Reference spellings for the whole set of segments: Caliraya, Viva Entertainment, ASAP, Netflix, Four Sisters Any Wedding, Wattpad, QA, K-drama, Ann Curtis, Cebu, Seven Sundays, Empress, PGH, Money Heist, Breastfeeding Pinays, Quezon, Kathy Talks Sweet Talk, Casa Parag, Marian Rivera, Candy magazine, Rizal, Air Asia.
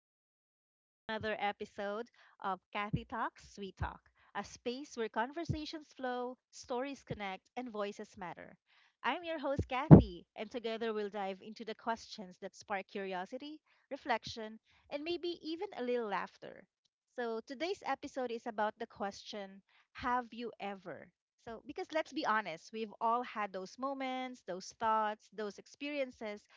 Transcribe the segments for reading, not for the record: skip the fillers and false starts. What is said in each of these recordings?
everyone. Welcome to another episode of Kathy Talks Sweet Talk, a space where conversations flow, stories connect, and voices matter. I'm your host, Kathy, and together we'll dive into the questions that spark curiosity, reflection, and maybe even a little laughter. So, today's episode is about the question, have you ever? So, because let's be honest, we've all had those moments, those thoughts, those experiences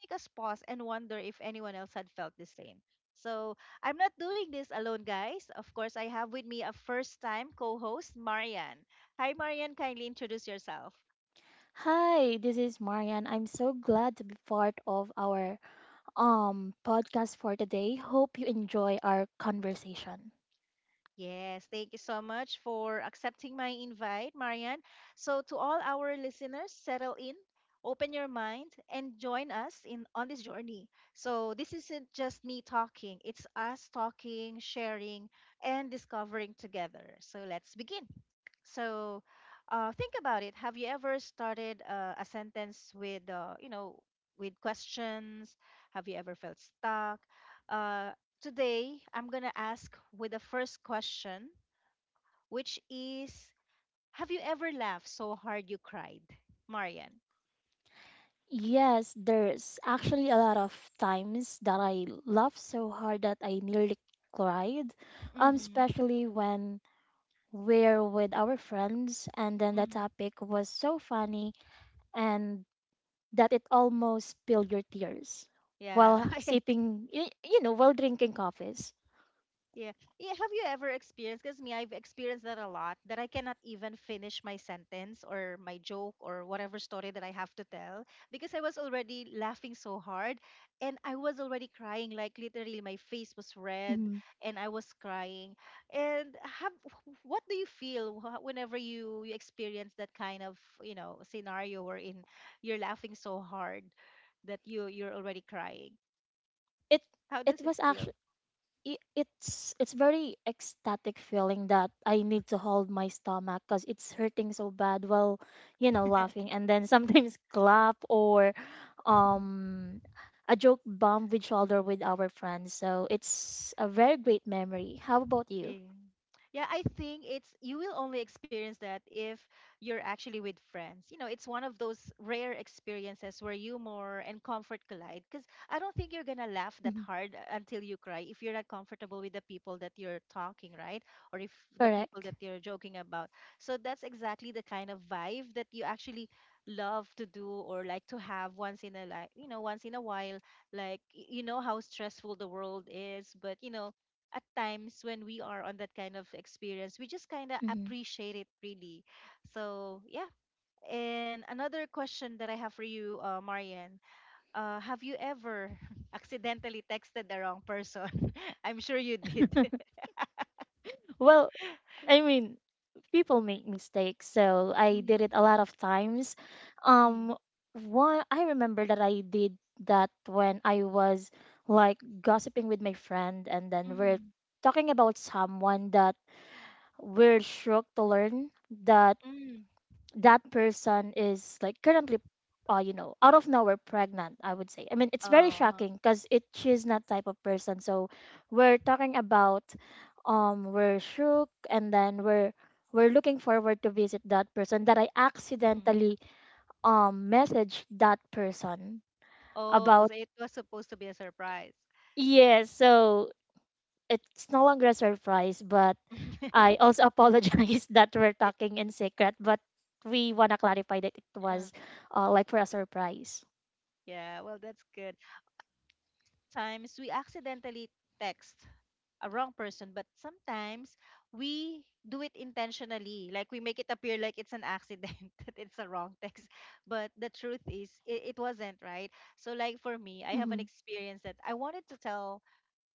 make us pause and wonder if anyone else had felt the same. So I'm not doing this alone, guys. Of course, I have with me a first time co host, Marian. Hi, Marian. Kindly introduce yourself. Hi, this is Marian. I'm so glad to be part of our podcast for today. Hope you enjoy our conversation. Yes, thank you so much for accepting my invite, Marian. So, to all our listeners, settle in, open your mind, and join us in on this journey. So, this isn't just me talking, it's us talking, sharing, and discovering together. So, let's begin. So, think about it. Have you ever started a sentence with, with questions? Have you ever felt stuck? Uh, today, I'm gonna ask with the first question, which is, have you ever laughed so hard you cried, Marian? Yes, there's actually a lot of times that I laughed so hard that I nearly cried, Mm-hmm. especially when we're with our friends and then the Mm-hmm. topic was so funny and that it almost spilled your tears Yeah. while sipping, while drinking coffees. Yeah. Yeah, have you ever experienced, because me, I've experienced that a lot, that I cannot even finish my sentence or my joke or whatever story that I have to tell because I was already laughing so hard and I was already crying, like literally my face was red Mhm. and I was crying. And what do you feel whenever you experience that kind of, you know, scenario wherein you're laughing so hard that you're already crying? It How it does it was feel? it's very ecstatic feeling that I need to hold my stomach because it's hurting so bad while laughing, and then sometimes clap or um a joke bump with shoulder with our friends. So it's a very great memory. How about you? Yeah. Yeah, I think it's you will only experience that if you're actually with friends. You know, it's one of those rare experiences where humor and comfort collide. Because I don't think you're gonna laugh that Mhm. hard until you cry if you're not comfortable with the people that you're talking, right? Or if the people Correct. that you're joking about. So that's exactly the kind of vibe that you actually love to do or like to have once in a like you know once in a while like you know how stressful the world is, but you know at times when we are on that kind of experience, we just kind of Hmm. appreciate it really. So, yeah. And another question that I have for you, Marian, have you ever accidentally texted the wrong person? I'm sure you did. Well, I mean, people make mistakes, so I did Mhm, it a lot of times. mhm, um One I remember that I did, that when I was like gossiping with my friend and then we're mhm, talking about someone that we're shocked to learn that mhm. that person is like currently out of nowhere pregnant. I would say, I mean, it's very Oh, shocking because it she's not type of person. So we're talking about, we're shook, and then we're looking forward to visit that person that I mhm. accidentally messaged that person Oh, about. so it was supposed to be a surprise. Yes, so it's no longer a surprise. But I also apologize that we're It- talking in secret, but we want to clarify that it uh, was like for a surprise. yeah, well, that's good. Sometimes we accidentally text a wrong person, but sometimes we do it intentionally. Like we make it appear like it's an accident, that it's a wrong text. But the truth is, it wasn't, right? So, like for me, I have an Mm-hmm. experience that I wanted to tell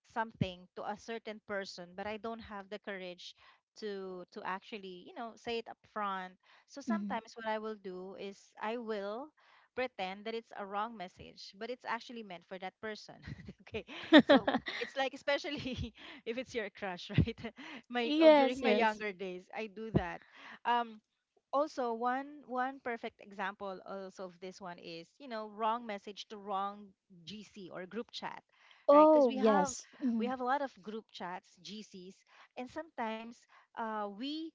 something to a certain person, but I don't have the courage to actually, you know, say it up front. So Mm-hmm. sometimes what I will do is I will pretend that it's a wrong message, but it's actually meant for that person. Okay, so it's like, especially if it's your crush, right? Yes, during my yes. younger days I do that. um also, one perfect example also of this one is, you know, wrong message to wrong gc or group chat, right? Because Oh, yes. we Mm-hmm. have a lot of group chats, gcs, and sometimes uh, we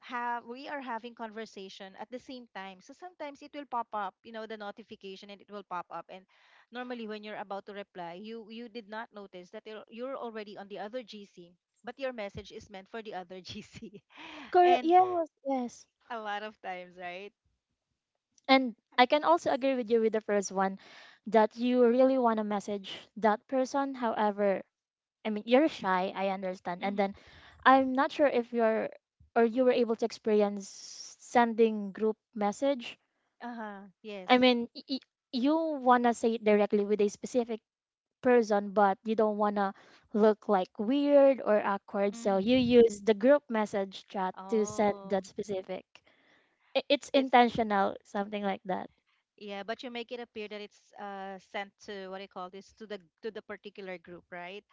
we are having conversation at the same time, so sometimes it will pop up, you know, the notification, and it will pop up. And normally when you're about to reply, you did not notice that you're already on the other gc, but your message is meant for the other gc. Correct. And Yes, yes. a lot of times, right? And I can also agree with you with the first one, that you really want to message that person. However, I mean, you're shy, I understand. And then Mm-hmm. I'm not sure if you're, or you were able to experience sending group message. Uh-huh. Yes. I mean, you want to say it directly with a specific person, but you don't want to look like weird or awkward. So you Mm-hmm. use the group message chat to send Oh, that specific. It's it's intentional, something like that. yeah, but you make it appear that it's sent to, what do you call this, to the particular group, right?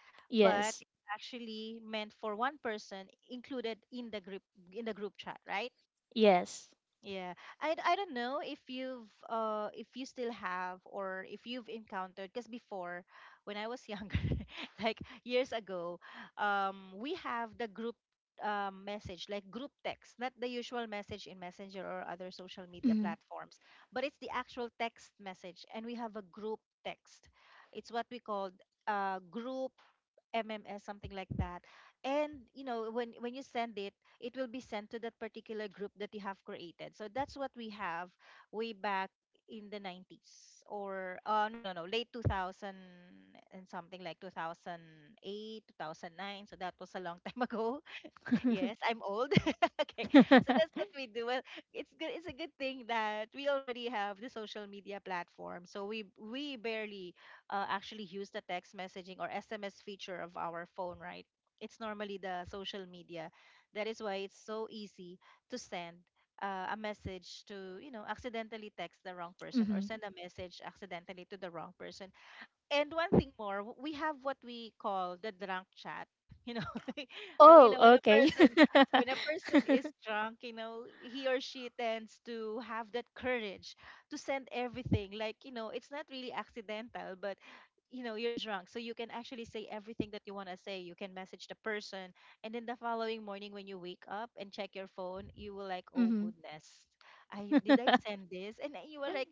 But Yes. it's actually meant for one person included in the group, in the group chat, right? Yes. Yeah, I don't know if you've if you still have or if you've encountered because before when I was younger like years ago, we have the group message, like group text, not the usual message in Messenger or other social media Mhm. platforms, but it's the actual text message. And we have a group text. It's what we called group MMS, something like that. And you know, when you send it, it will be sent to that particular group that you have created. So that's what we have way back in the 90s, or no no no late 2000 and something, like 2008, 2009. So that was a long time ago. Yes, I'm old. Okay. So that's what we do. Well, it's good it's a good thing that we already have the social media platform. So we barely actually use the text messaging or SMS feature of our phone, right? It's normally the social media. That is why it's so easy to send a message to, you know, accidentally text the wrong person or Mhm. send a message accidentally to the wrong person. And one thing more, we have what we call the drunk chat. You know, so, you Oh, know, okay. When a person is drunk, you know, he or she tends to have that courage to send everything. Like, you know, it's not really accidental, but you know you're drunk, so you can actually say everything that you want to say. You can message the person, and then the following morning when you wake up and check your phone, you will like, oh Mhm. goodness, I send this? And then you were like,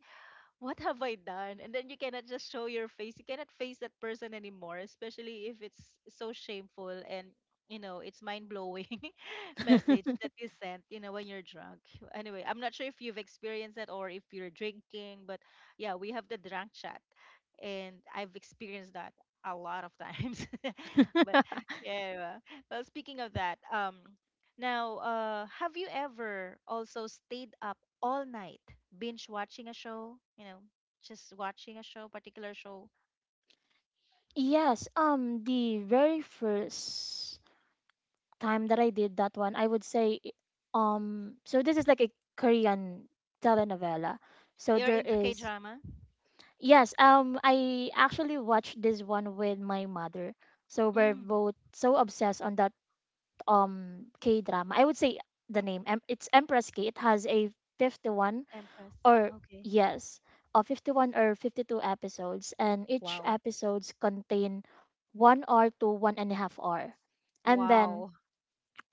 what have I done? And then you cannot just show your face. You cannot face that person anymore, especially if it's so shameful and you know it's mind blowing message that is sent. You know, when you're drunk. Anyway, I'm not sure if you've experienced that or if you're drinking, but yeah, we have the drunk chat, and I've experienced that a lot of times. But yeah, anyway, well, speaking of that. Now, have you ever also stayed up all night binge watching a show? You know, just watching a show, particular show. Yes, the very first time that I did that one, I would say, so this is like a Korean telenovela. So You're there into K is. drama? Yes, I actually watched this one with my mother. So we're Mm, both so obsessed on that K drama. I would say the name. It's Empress K. It has a 51, Empress. or Okay. yes, a 51 or 52 episodes, and each Wow. episodes contain 1 hour to 1.5 hour. And then Wow.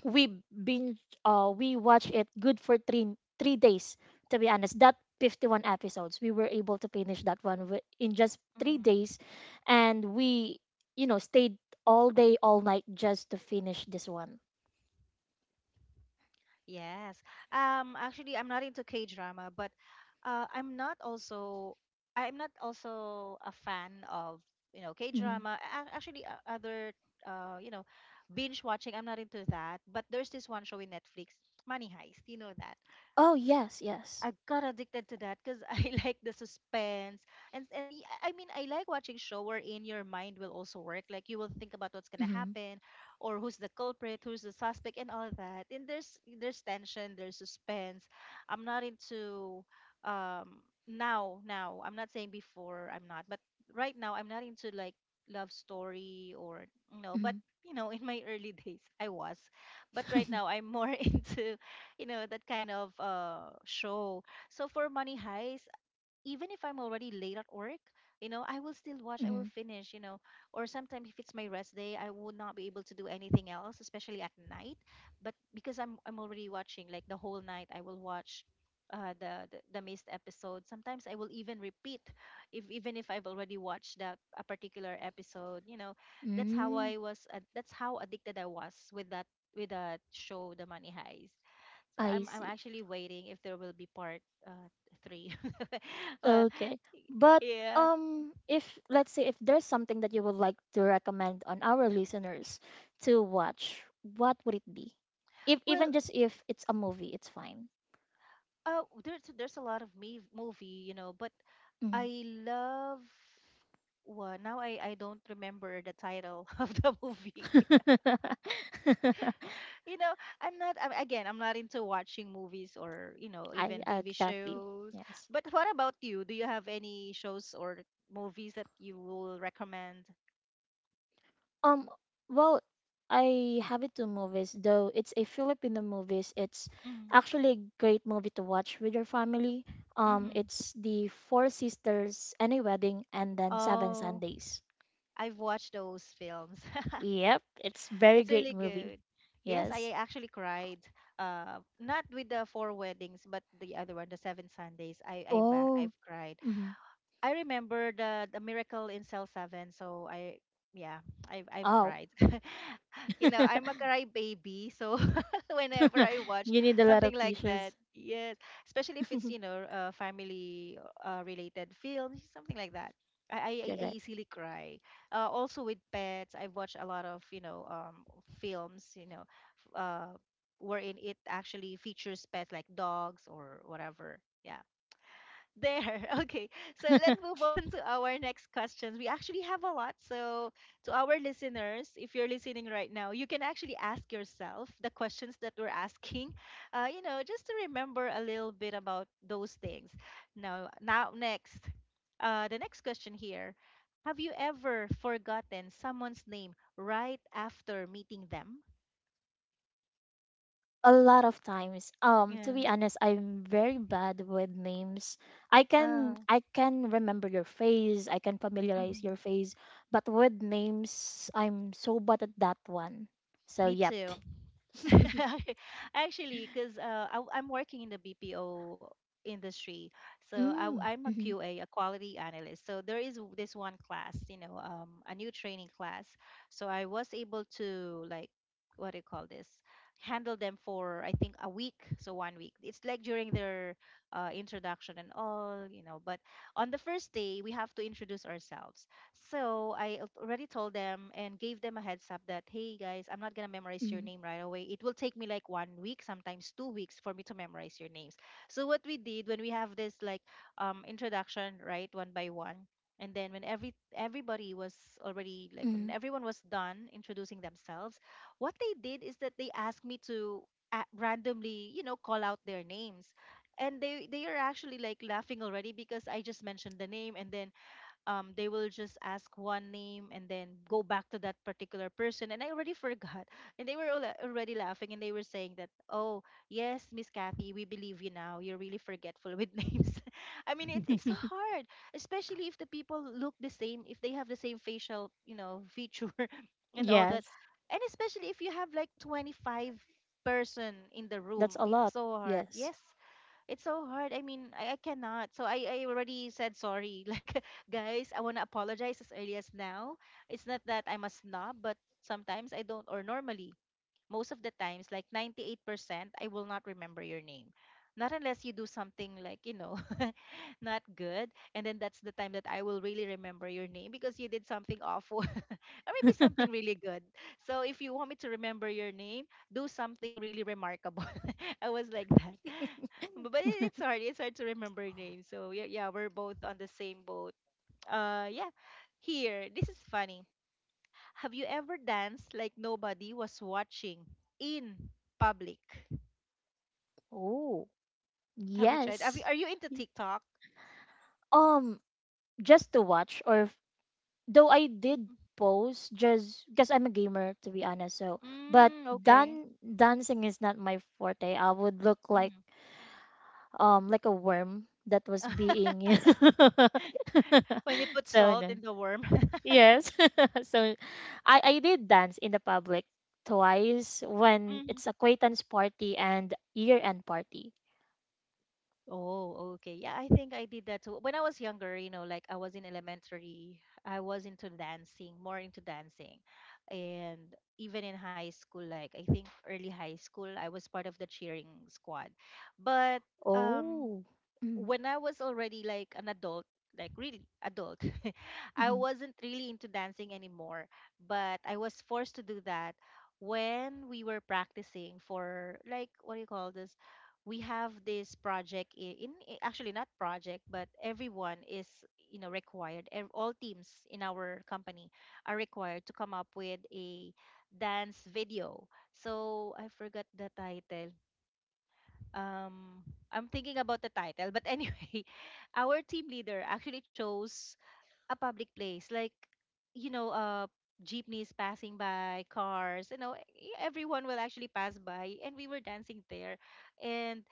we binge we watched it good for three days, to be honest, that 51 episodes we were able to finish that one in just 3 days. And we stayed all day all night just to finish this one. Yes. Actually I'm not into K-drama, but uh I'm not also I'm not also a fan of, you know, Mhm. K-drama. Actually, other, you know, binge watching, I'm not into that. But there's this one show in Netflix, Money Heist. You know that? Oh yes, yes. I got addicted to that because I like the suspense. And the I mean, I like watching show wherein your mind will also work, like you will think about what's gonna Mm-hmm. happen, or who's the culprit, who's the suspect, and all that, and there's tension, there's suspense. I'm not into, now I'm not saying before I'm not, but right now I'm not into like love story or you know, but Mm-hmm. you know, in my early days I was, but right now I'm more into you know that kind of show. So for Money Heist, even if I'm already late at work, you know, I will still watch, I will Mm-hmm. finish, you know. Or sometimes if it's my rest day, I would not be able to do anything else, especially at night. But because I'm already watching like the whole night, I will watch the missed episode. Sometimes I will even repeat, if even if I've already watched that a particular episode. You know, that's how Mm, I was. That's how addicted I was with that show, The Money Heist. So I I'm see. actually waiting if there will be part uh, three. Well, Okay. But yeah. If let's say if there's something that you would like to recommend on our listeners to watch, what would it be? If even Well, just if it's a movie, it's fine. There's a lot of me movie, you know, but Mm. I love. Well, now I don't remember the title of the movie. You know, I'm not. Again, I'm not into watching movies or you know, I even TV copy. shows. Yes. But what about you? Do you have any shows or movies that you will recommend? Um well, I have it two movies though. It's a Filipino movies. It's actually a great movie to watch with your family. Mm-hmm. It's the Four Sisters, Any Wedding, and then Seven Oh, Sundays. I've watched those films. Yep, it's very It's great really movie. good. Yes, I Yes. actually cried. Not with the four weddings, but the other one, the seven Sundays. Oh. I've cried. Hmm. I remember the miracle in cell seven. So I yeah, I've Oh, cried. You know, I'm a cry baby, so whenever I watch you need a lot something of like tissues. that. Yes, especially if it's you know, family, related films, something like that. I Correct. easily cry. Also with pets, I've watched a lot of films, f- uh, wherein it actually features pets like dogs or whatever. Yeah, there. Okay. So let's move on to our next questions. We actually have a lot. So, to our listeners, if you're listening right now, you can actually ask yourself the questions that we're asking. Just to remember a little bit about those things. Now, the next question here: Have you ever forgotten someone's name right after meeting them? A lot of times. To Yeah. be honest, I'm very bad with names. I Uh, can I can remember your face. I can familiarize your mhm. face, but with names, I'm so bad at that one. So Me yep. too. Actually, because I'm working in the BPO industry, so Mm. I am a Mm-hmm. QA, a quality analyst. So there is this one class, a new training class. So I was able to, like, what do you call this? Handle them for I think a week, so one week. It's like during their introduction and all, you know. But on the first day, we have to introduce ourselves. So I already told them and gave them a heads up that, hey guys, I'm not going to memorize your name right away. It will take me like one week, sometimes 2 weeks for me to memorize your names. So what we did when we have this, like, introduction, right, one by one, and then when every everybody was already like when Mm-hmm. everyone was done introducing themselves, what they did is that they asked me to randomly, you know, call out their names. And they are actually, like, laughing already because I just mentioned the name, and then they will just ask one name and then go back to that particular person. And I already forgot. And they were already laughing, and they were saying that, oh, yes, Miss Kathy, we believe you now. You're really forgetful with names. I mean, it's so hard, especially if the people look the same, if they have the same facial, you know, feature and all that. Yes. And especially if you have like 25 person in the That's room, a it's lot. so hard. Yes. Yes, it's so hard. I mean, I cannot. So I already said sorry. Like, guys, I want to apologize as early as now. It's not that I'm a snob, but sometimes I don't, or normally, most of the times, like 98%, I will not remember your name. Not unless you do something, like, you know, not good. And then that's the time that I will really remember your name because you did something awful or maybe something really good. So if you want me to remember your name, do something really remarkable. I was like that. But it's hard. It's hard to remember names. So yeah, yeah, we're both on the same boat. Yeah. Here, this is funny. Have you ever danced like nobody was watching in public? Oh, Have you tried? Yes. Are you into TikTok? Um, just to watch, or though I did Mhm. post just because I'm a gamer, to be honest. So, but Mm, okay. Dancing is not my forte. I would look Hmm. Like a worm that was being When you put so salt no. in the worm. Yes. So I did dance in the public twice when Mhm. it's acquaintance party and year end party. Oh, okay. Yeah, I think I did that too. When I was younger, you know, like I was in elementary, I was into dancing, more into dancing. And even in high school, like I think early high school, I was part of the cheering squad. But um Oh. when I was already like an adult, like really adult, I Mm-hmm. wasn't really into dancing anymore, but I was forced to do that when we were practicing for like what do you call this? We have this project I- in, I- actually not project, but everyone is, you know, required. All teams in our company are required to come up with a dance video. So I forgot the title, um I'm thinking about the title, but anyway, our team leader actually chose a public place, like, you know, jeepneys passing by, cars, you know, everyone will actually pass by, and we were dancing there. And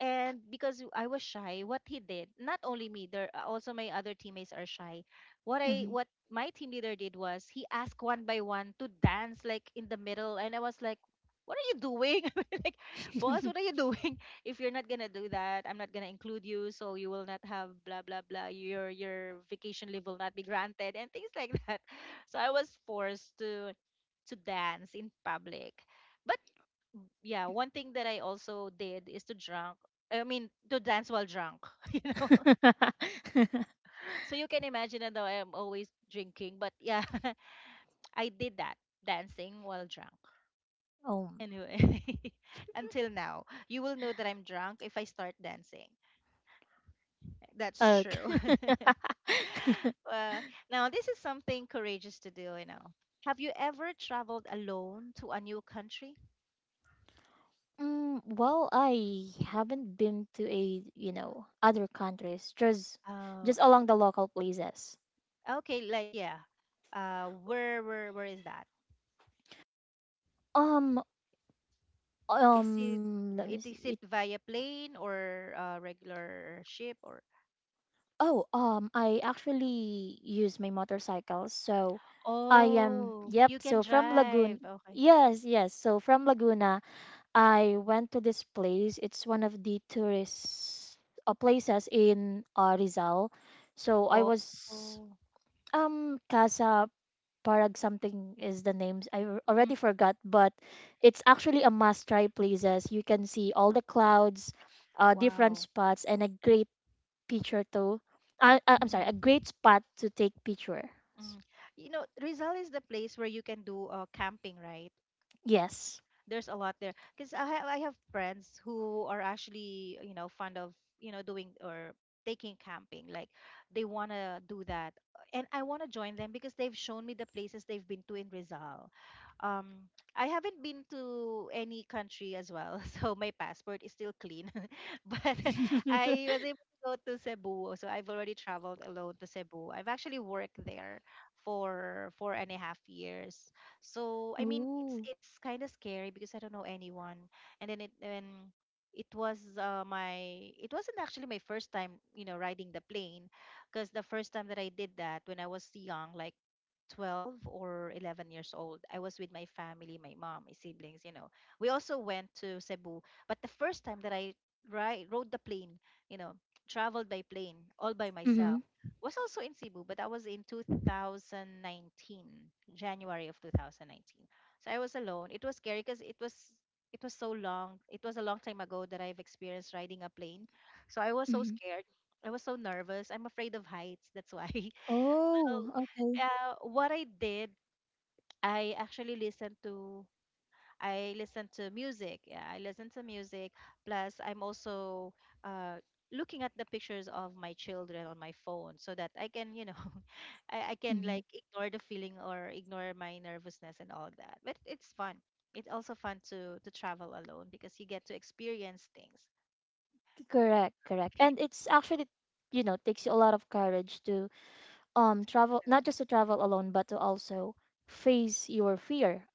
and because I was shy, what he did, not only me, there also my other teammates are shy. What I Mm-hmm. what my team leader did was he asked one by one to dance like in the middle, and I was like, what are you doing? I mean, like, boss, what are you doing? If you're not gonna do that, I'm not gonna include you, so you will not have blah blah blah. Your vacation leave will not be granted and things like that. So I was forced to dance in public. But yeah, one thing that I also did is to drunk. I mean, to dance while drunk, you know. So you can imagine that though I am always drinking, but yeah, I did that, dancing while drunk. Oh, Anyway, until now, you will know that I'm drunk if I start dancing. That's true. okay. Well, now this is something courageous to do, you know. Have you ever traveled alone to a new country? Mm, well, I haven't been to a other countries, just Oh, along the local places. okay, like yeah. Where is that? Um, Is it Let me see. is it via plane or regular ship or? Oh, I actually use my motorcycle, so I am. Oh, Yep. you can So from Laguna. drive. Okay. Yes, yes. So from Laguna, I went to this place. It's one of the tourist places in Rizal. So I Oh, was. Casa Parag something is the names. Mm, Already forgot, but it's actually a must-try places. You can see all the clouds, different wow. spots, and a great picture too. I'm sorry, Hmm. a great spot to take picture. You know, Rizal is the place where you can do camping, right? Yes. There's a lot there because I have friends who are actually, you know, fond of, you know, doing or taking camping, like, they want to do that, and I want to join them because they've shown me the places they've been to in Rizal. um I haven't been to any country as well so my passport is still clean but I was able to go to Cebu. So I've already traveled alone to Cebu. I've actually worked there for four and a half years. So I mean, Ooh. it's kind of scary because I don't know anyone, and it was my it wasn't actually my first time, you know, riding the plane, because the first time that I did that when I was young like 12 or 11 years old. I was with my family, my mom, my siblings, you know. We also went to Cebu, but the first time that I ri rode the plane, you know, traveled by plane all by myself Mm-hmm. was also in Cebu, but that was in 2019, January of 2019. So I was alone. It was scary because it was so long. It was a long time ago that I've experienced riding a plane. So I was so Mm-hmm. scared. I was so nervous. I'm afraid of heights. That's why. Oh, okay. So uh, what I did, I actually listened to I listened to music. Yeah, I listened to music. Plus, I'm also uh, looking at the pictures of my children on my phone so that I can, you know, I can, like, ignore the feeling or ignore my nervousness and all that. But it's fun. It's also fun to travel alone because you get to experience things. Correct, correct. Okay. And it's actually, takes you a lot of courage to travel, not Yeah. just to travel alone, but to also face your fear.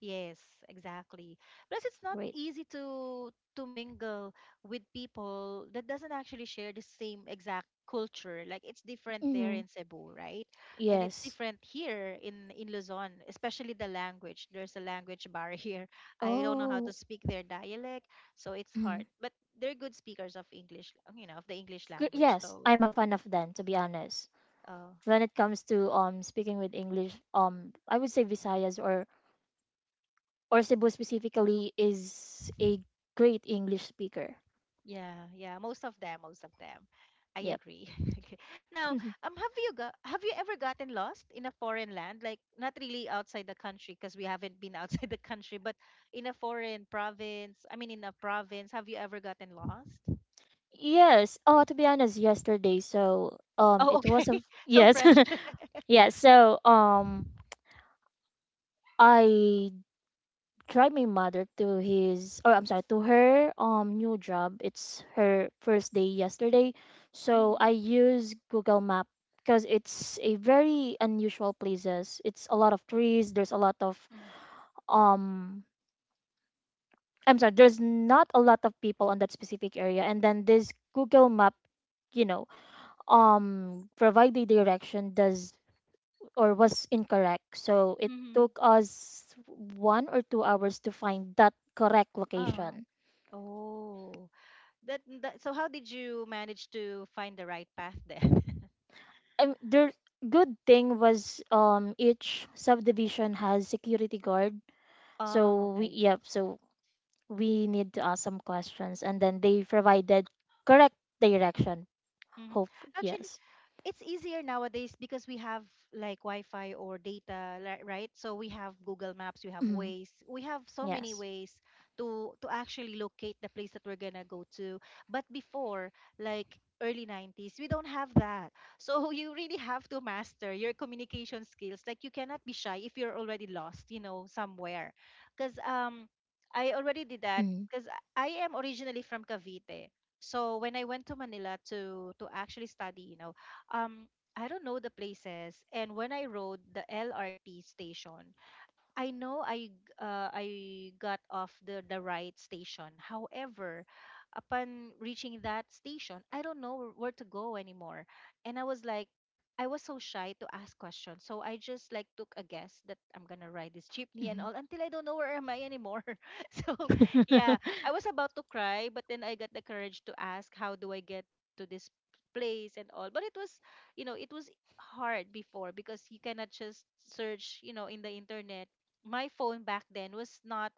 Yes, exactly. Plus, it's not Great. easy to mingle with people that doesn't actually share the same exact culture. Like it's different there Mm-hmm. in Cebu, right? And it's Yes. different here in Luzon, especially the language. There's a language barrier. I don't know how to Oh. speak their dialect, so it's Mm. hard. But they're good speakers of English, you know, of the English language. Yes, I'm So, a fan of them, to be honest. uh, When it comes to speaking with English, I would say mm-hmm. Visayas or Cebu specifically is a great English speaker. Yeah, yeah, most of them, most of them. I Yep. agree. Okay. Now, have you ever gotten lost in a foreign land? Like not really outside the country because we haven't been outside the country, but in a foreign province. I mean, in a province, have you ever gotten lost? Yes. Oh, to be honest, yesterday. So, Oh, it okay. was a So yes. fresh. Yeah, so I drive my mother to his, or I'm sorry, to her new job. It's her first day yesterday. So Mm-hmm. I use Google Map because it's a very unusual places. It's a lot of trees, there's a lot of. um I'm sorry, there's not a lot of people on that specific area, and then this Google Map, you know provide the direction does or was incorrect. So it Mm-hmm. took us 1 or 2 hours to find that correct Oh. location. Oh. That, that, so how did you manage to find the right path then? The good thing was each subdivision has security guard. Oh, So we. okay. Yep. So we need to ask some questions, and then they provided correct direction. Mhm. Hope Actually, yes. it's easier nowadays because we have like Wi-Fi or data, right? So we have Google Maps, we have Mm, Waze, we have so many yes. ways to actually locate the place that we're gonna go to. But before, like early 90s, we don't have that. So you really have to master your communication skills. Like you cannot be shy if you're already lost, you know, somewhere. Because I already did that. Mm, Because I am originally from Cavite. So when I went to Manila to actually study, you know, um I don't know the places, and when I rode the LRT station, I know I got off the right station. However, upon reaching that station, I don't know where to go anymore. And I was so shy to ask questions. So I just, like, took a guess that I'm going to ride this jeepney and mm. all until I don't know where am I anymore. So yeah, I was about to cry, but then I got the courage to ask how do I get to this place and all. But it was hard before because you cannot just search in the internet. My phone back then was not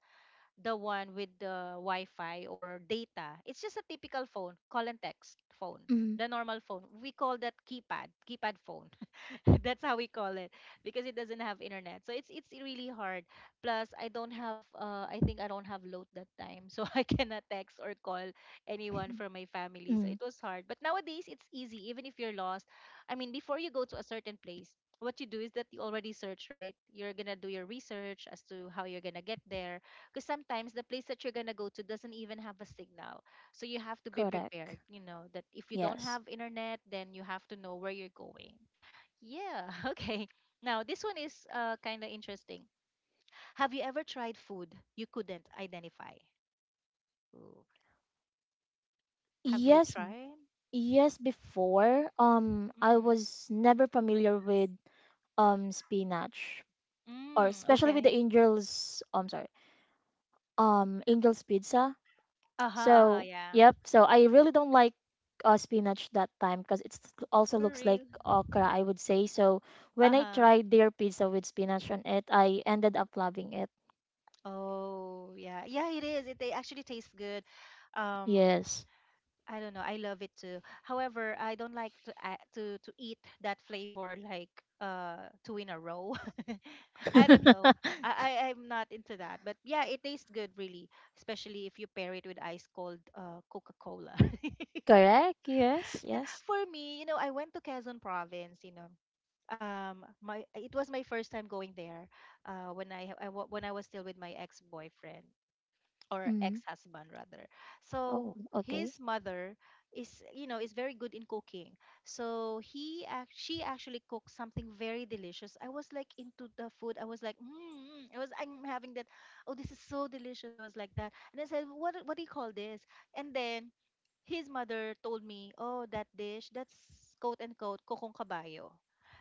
the one with the Wi-Fi or data. It's just a typical phone, call and text phone, Mm, the normal phone. We call that keypad, keypad phone. That's how we call it because it doesn't have internet. So it's really hard. Plus, I don't have I think I don't have load that time, so I cannot text or call anyone from my family. So mm. it was hard. But nowadays it's easy even if you're lost. I mean, before you go to a certain place, what you do is that you already search, right? You're gonna do your research as to how you're gonna get there. Because sometimes the place that you're gonna go to doesn't even have a signal. So you have to be Correct. prepared, you know, that if you don't Yes. have internet, then you have to know where you're going. Yeah, okay. Now, this one is kind of interesting. Have you ever tried food you couldn't identify? Ooh. Have you Yes. tried? Yes, before, I Mm-hmm. was never familiar with spinach, or Mm, especially with okay. the angel's sorry, angel's pizza. Uh-huh, uh-huh, So, yeah. yep, so I really don't like spinach that time because it also For looks like real. okra, I would say. So, when I Uh-huh. tried their pizza with spinach on it, I ended up loving it. Oh, yeah. Yeah, it is. They actually taste good. Um, Yes. I don't know. I love it too. However, I don't like to a to to eat that flavor like two in a row. I don't know. I'm not into that. But yeah, it tastes good really, especially if you pair it with ice cold Coca-Cola. Correct. Yes, yes. For me, you know, I went to Quezon province, you know. My It was my first time going there when I ha- I wa- when I was still with my ex-boyfriend or Mm. ex-husband rather. So Oh, okay. his mother is, you know, is very good in cooking. So she actually cooked something very delicious. I was like into the food. I was like, mm, I'm having that. Oh, this is so delicious. I was like that. And I said, what do you call this? And then his mother told me, "Oh, that dish, that's quote unquote kokong kabayo."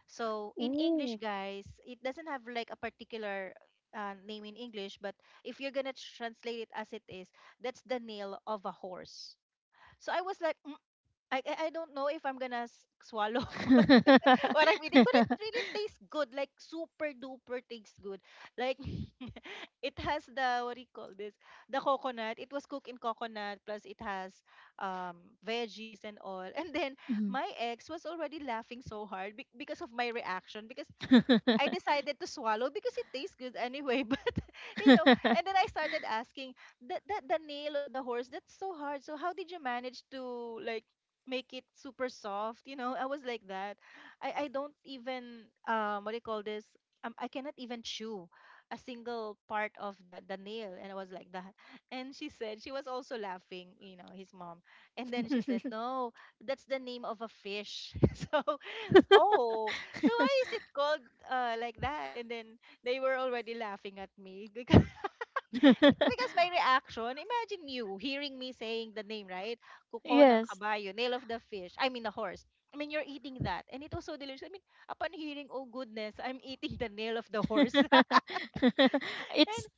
So in English, Ooh. guys, it doesn't have like a particular name in English, but if you're gonna translate it as it is, that's the nail of a horse. So I was like, "Mm, I don't know if I'm gonna swallow what I'm eating. But it really tastes good, like super duper tastes good. Like it has the, what do you call this? The coconut. It was cooked in coconut, plus it has veggies and all. And then Mhm. my ex was already laughing so hard because of my reaction because I decided to swallow because it tastes good anyway. But you know, and then I started asking the nail of the horse. That's so hard. So how did you manage to like make it super soft? You know, I was like that. I don't even, what do you call this? I cannot even chew a single part of the nail, and I was like that. And she said she was also laughing. You know, his mom. And then she said, "No, that's the name of a fish." So oh, so why is it called like that? And then they were already laughing at me because because my reaction. Imagine you hearing me saying the name, right? Kuko ng Yes. kabayo, nail of the fish. I mean the horse. I mean you're eating that, and it was so delicious. I mean, upon hearing, oh goodness, I'm eating the nail of the horse, It's. and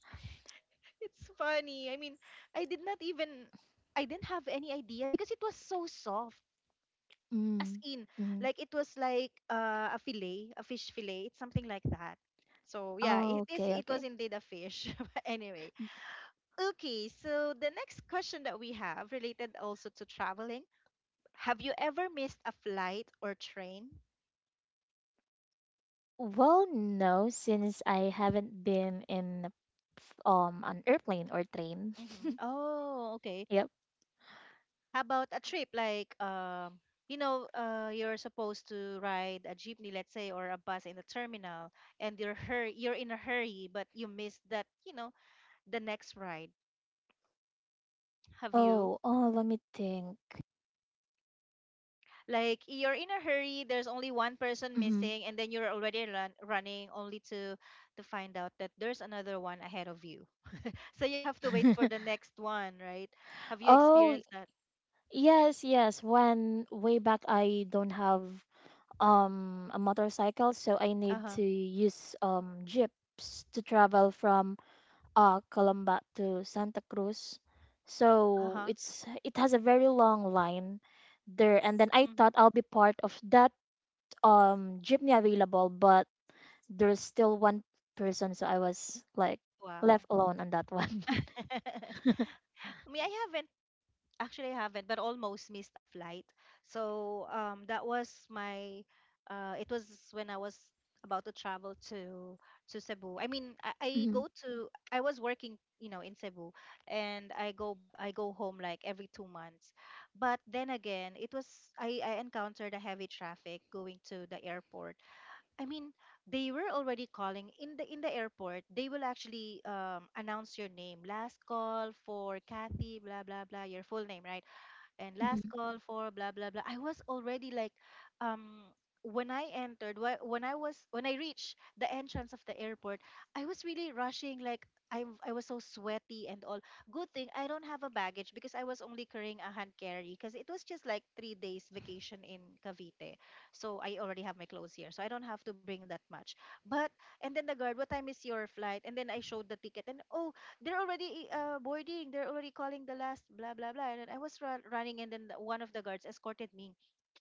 it's funny. I mean, I did not even. I didn't have any idea because it was so soft. As Mm, in, mm. like it was like a fillet a fish fillet, it's something like that. So yeah, Okay, it okay. was indeed a fish. But anyway, okay, so the next question that we have related also to traveling, have you ever missed a flight or train? Well, no, since I haven't been in a an airplane or train. Mm-hmm. Oh, okay. Yep. How about a trip like, you know, you're supposed to ride a jeepney, let's say, or a bus in the terminal, and you're in a hurry, but you missed that, you know, the next ride. Have you? Oh, oh, let me think. Like you're in a hurry, there's only one person Hmm. missing, and then you're already running only to find out that there's another one ahead of you. So you have to wait for the next one, right? Have you Oh, experienced that? yes, yes. When way back I don't have a motorcycle, so I Uh need huh. to use jeeps to travel from Calamba to Santa Cruz. Uh So huh. It has a very long line there, and then I Hmm. thought I'll be part of that jeepney available, but there's still one person, so I was like Wow. left alone on that one. Me, I haven't, actually I haven't, but almost missed a flight. So that was my. It was when I was about to travel to Cebu. I mean, I Mhm, go to. I was working, you know, in Cebu, and I go home like every 2 months. But then again, it was. I encountered a heavy traffic going to the airport. I mean, they were already calling in the airport. They will actually announce your name, last call for Kathy, blah blah blah, your full name, right? And mhm, last call for blah blah blah. I was already like, um when I entered when I reached the entrance of the airport, I was really rushing like I was so sweaty and all. Good thing I don't have a baggage because I was only carrying a hand carry because it was just like 3 days vacation in Cavite. So I already have my clothes here. So I don't have to bring that much. But and then the guard, what time is your flight? And then I showed the ticket and oh, they're already boarding. They're already calling the last blah blah blah. And then I was running, and then one of the guards escorted me,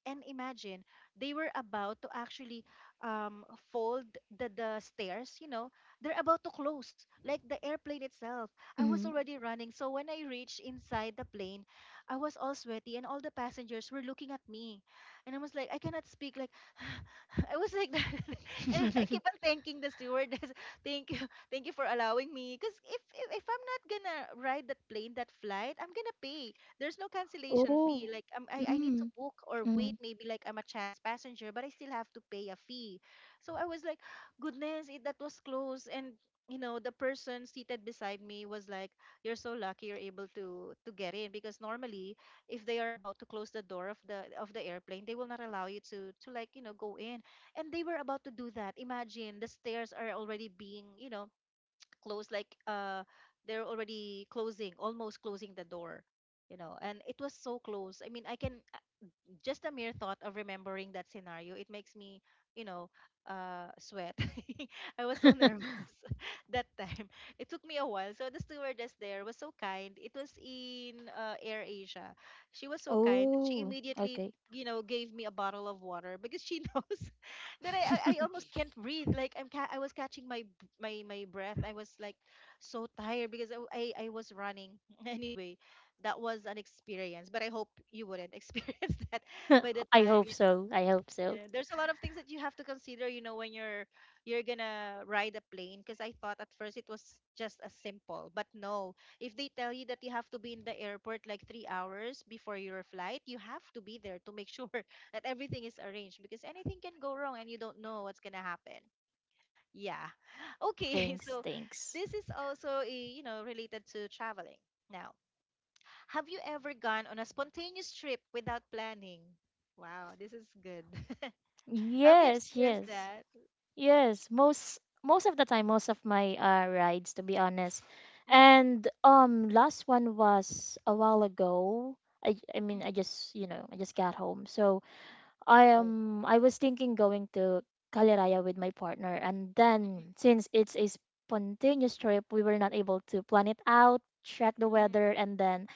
and imagine they were about to actually um, fold the stairs, you know, they're about to close, like the airplane itself. I was mhm. already running. So when I reached inside the plane, I was all sweaty and all the passengers were looking at me. And I was like, I cannot speak. Like, I was like that. And I keep on thanking the stewardess. Thank you. Thank you for allowing me. Because if I'm not gonna ride that plane, that flight, I'm gonna pay. There's no cancellation Oh. fee. Like I need to Mm, book or wait. mm. Maybe like I'm a chance passenger, but I still have to pay a fee. So I was like, goodness, it, that was close. And you know, the person seated beside me was like, you're so lucky you're able to get in because normally if they are about to close the door of the airplane, they will not allow you to like, you know, go in. And they were about to do that. Imagine the stairs are already being, you know, closed like they're already closing, almost closing the door, you know, and it was so close. I mean I can, just a mere thought of remembering that scenario, it makes me, you know, sweat. I was so nervous that time. It took me a while. So the stewardess there was so kind. It was in Air Asia. She was so kind. She Oh, immediately, okay. you know, gave me a bottle of water because she knows that I almost can't breathe. Like I was catching my my breath. I was like so tired because I was running. Anyway, that was an experience, but I hope you wouldn't experience that by the I time, you hope know. so. I hope so. Yeah. There's a lot of things that you have to consider, you know, when you're gonna ride a plane. Because I thought at first it was just as simple, but no. If they tell you that you have to be in the airport like 3 hours before your flight, you have to be there to make sure that everything is arranged because anything can go wrong and you don't know what's gonna happen. Yeah. Okay. Thanks, So thanks. this is also eh, you know, related to traveling now. Have you ever gone on a spontaneous trip without planning? Wow, this is good. Have you Yes, experienced yes. that? Yes, most of the time, most of my rides, to be honest. Mm, And last one was a while ago. I mean, mm. I just got home, so Oh. I was thinking going to Caliraya with my partner, and then since it's a spontaneous trip, we were not able to plan it out, track the Mhm, weather, and then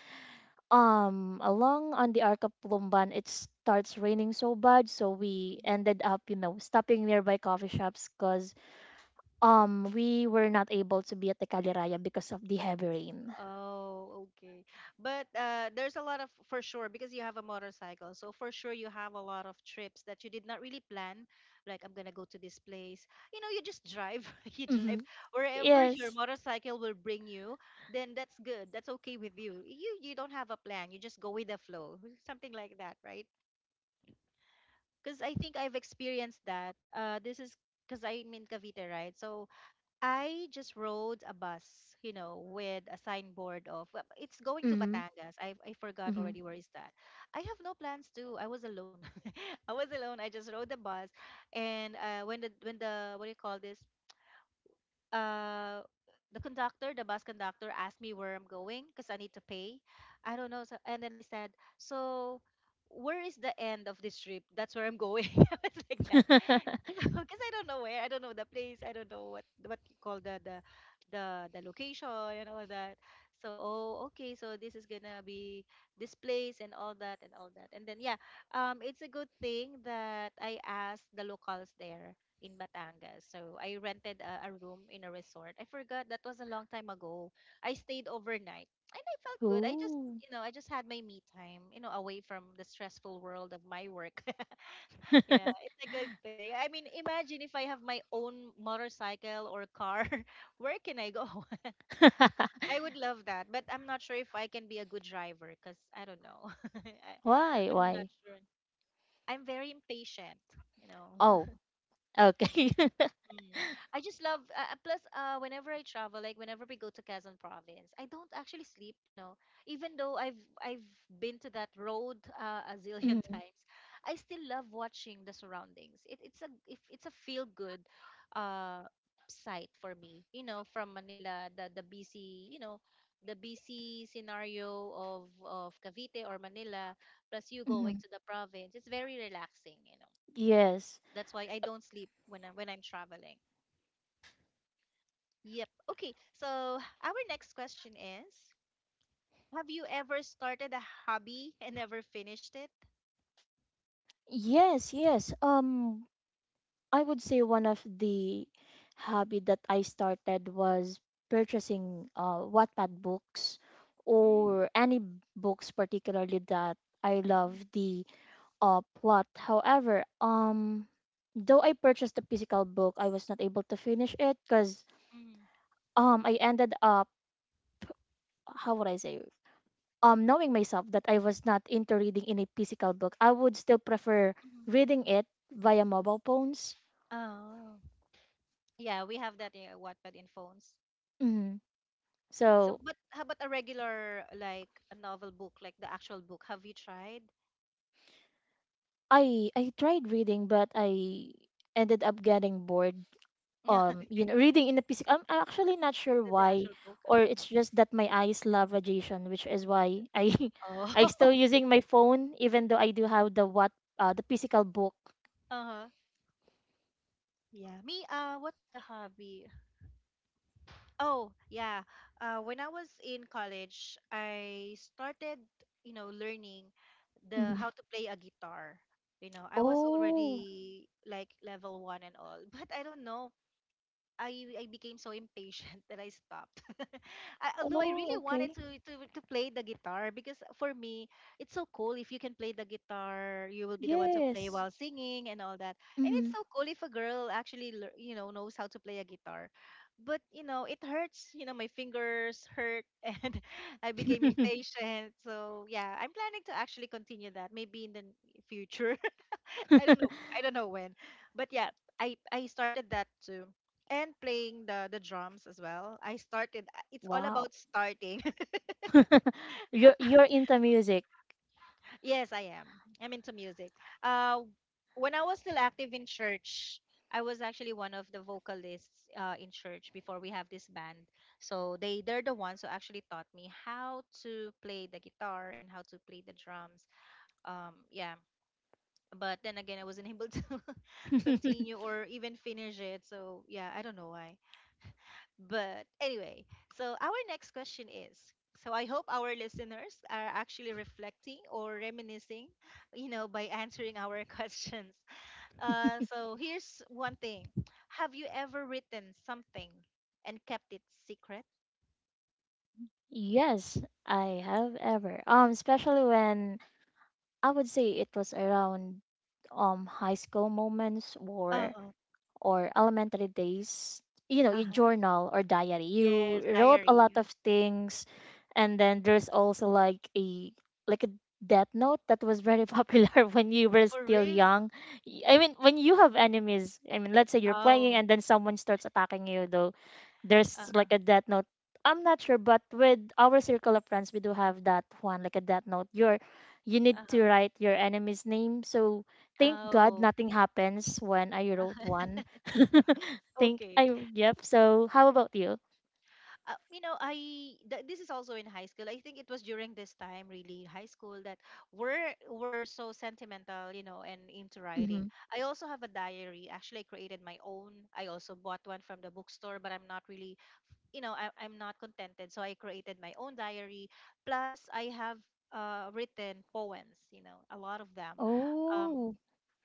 along on the Arca Plumban, it starts raining so bad, so we mhm. ended up stopping nearby coffee shops because we were not able to be at the Caliraya because of the heavy rain. Oh, okay. But there's a lot of, for sure, because you have a motorcycle. So for sure, you have a lot of trips that you did not really plan. Like, I'm gonna go to this place. You know, you just drive. You drive Mm-hmm. wherever your Yes. motorcycle will bring you. Then that's good. That's okay with you. You don't have a plan. You just go with the flow. Something like that, right? Because I think I've experienced that. This is because I'm in Cavite, right? So I just rode a bus, you know, with a signboard of, well, it's going to Mm-hmm. Batangas. I forgot Mm-hmm. already where is that. I have no plans to. I was alone. I was alone. I just rode the bus, and when the what do you call this? uh the conductor, the bus conductor asked me where I'm going because I need to pay. I don't know. So, and then I said, so where is the end of this trip? That's where I'm going. I was like that. Because I don't know where, I don't know the place, I don't know what you call the the location and all that. So, oh okay, so this is gonna be this place and all that and all that. And then yeah, it's a good thing that I asked the locals there in Batangas. So I rented a room in a resort. I forgot that was a long time ago. I stayed overnight and I felt good. I just Ooh. you know I just had my me time, you know, away from the stressful world of my work. Yeah, it's a good thing. I mean, imagine if I have my own motorcycle or car, where can I go? I would love that, but I'm not sure if I can be a good driver because I don't know. I, Why? I'm not Why? sure. I'm very impatient, you know. Oh, okay. Mm. I just love plus whenever I travel, like whenever we go to Quezon province, I don't actually sleep, you know, even though I've been to that road a zillion Mm-hmm. times. I still love watching the surroundings. It, it's a if it's a feel good uh sight for me, you know, from Manila, the busy, you know, the busy scenario of Cavite or Manila, plus you Mm-hmm. going to the province, it's very relaxing, you know. Yes. That's why I don't sleep when I'm traveling. Yep. Okay. So our next question is, have you ever started a hobby and never finished it? Yes, yes. I would say one of the hobby that I started was purchasing Wattpad books, Mm, or any books particularly that I love mhm, the plot. However, though I purchased the physical book, I was not able to finish it because, mhm, I ended up, how would I say, knowing myself that I was not into reading in a physical book. I would still prefer mhm. reading it via mobile phones. Oh. Yeah, we have that in Wattpad in phones. Mhm. So, So but how about a regular, like a novel book, like the actual book? Have you tried? I tried reading, but I ended up getting bored, Okay. Reading in the physical. I'm actually not sure The why, actual book. Or Mhm. it's just that my eyes love radiation, which is why I Oh, I still okay. using my phone even though I do have the what the physical book. Uh huh. Yeah. What's the hobby? Oh, yeah. When I was in college, I started, you know, learning the Mhm. how to play a guitar. You know, I was Oh. already like level one and all, but I don't know, I became so impatient that I stopped. Although I really Oh, wanted okay. to play the guitar because for me, it's so cool if you can play the guitar, you will be the one to play Yes. while singing and all that. And it's Mhm. so cool if a girl actually knows how to play a guitar. But you know it hurts. You know my fingers hurt and I became impatient. So yeah, I'm planning to actually continue that maybe in the future. I don't know. I don't know when. But yeah, I started that too. And playing the drums as well. I started, it's all Wow. about starting. You're into music. Yes, I am. I'm into music. Uh when I was still active in church, I was actually one of the vocalists in church before we have this band. So they're the ones who actually taught me how to play the guitar and how to play the drums. Yeah, but then again I wasn't able to continue or even finish it. So yeah, I don't know why. But anyway, so our next question is, so I hope our listeners are actually reflecting or reminiscing, you know, by answering our questions. So here's one thing. Have you ever written something and kept it secret? Yes, I have ever. Especially when I would say it was around high school moments or Oh, or elementary days, you know, uh you huh. journal or diary. You Yes, wrote a diary. lot of things, and then there's also like a death note that was very popular when you were For still real? young. When you have enemies, I mean, let's say you're playing Oh, and then someone starts attacking you, though there's uh like a death note. I'm not sure, but with our circle of friends, we do have that one, like a death note. You need huh. Uh-huh. to write your enemy's name. So thank God Oh, nothing happens when I wrote uh-huh. one. Think Okay. I yep. So how about you? You know, this is also in high school. I think it was during this time, really high school, that we're so sentimental, you know, and into writing. Mm-hmm. I also have a diary. Actually, I created my own. I also bought one from the bookstore, but I'm not really, you know, I'm not contented, so I created my own diary, plus I have written poems, you know, a lot of them. um, Oh,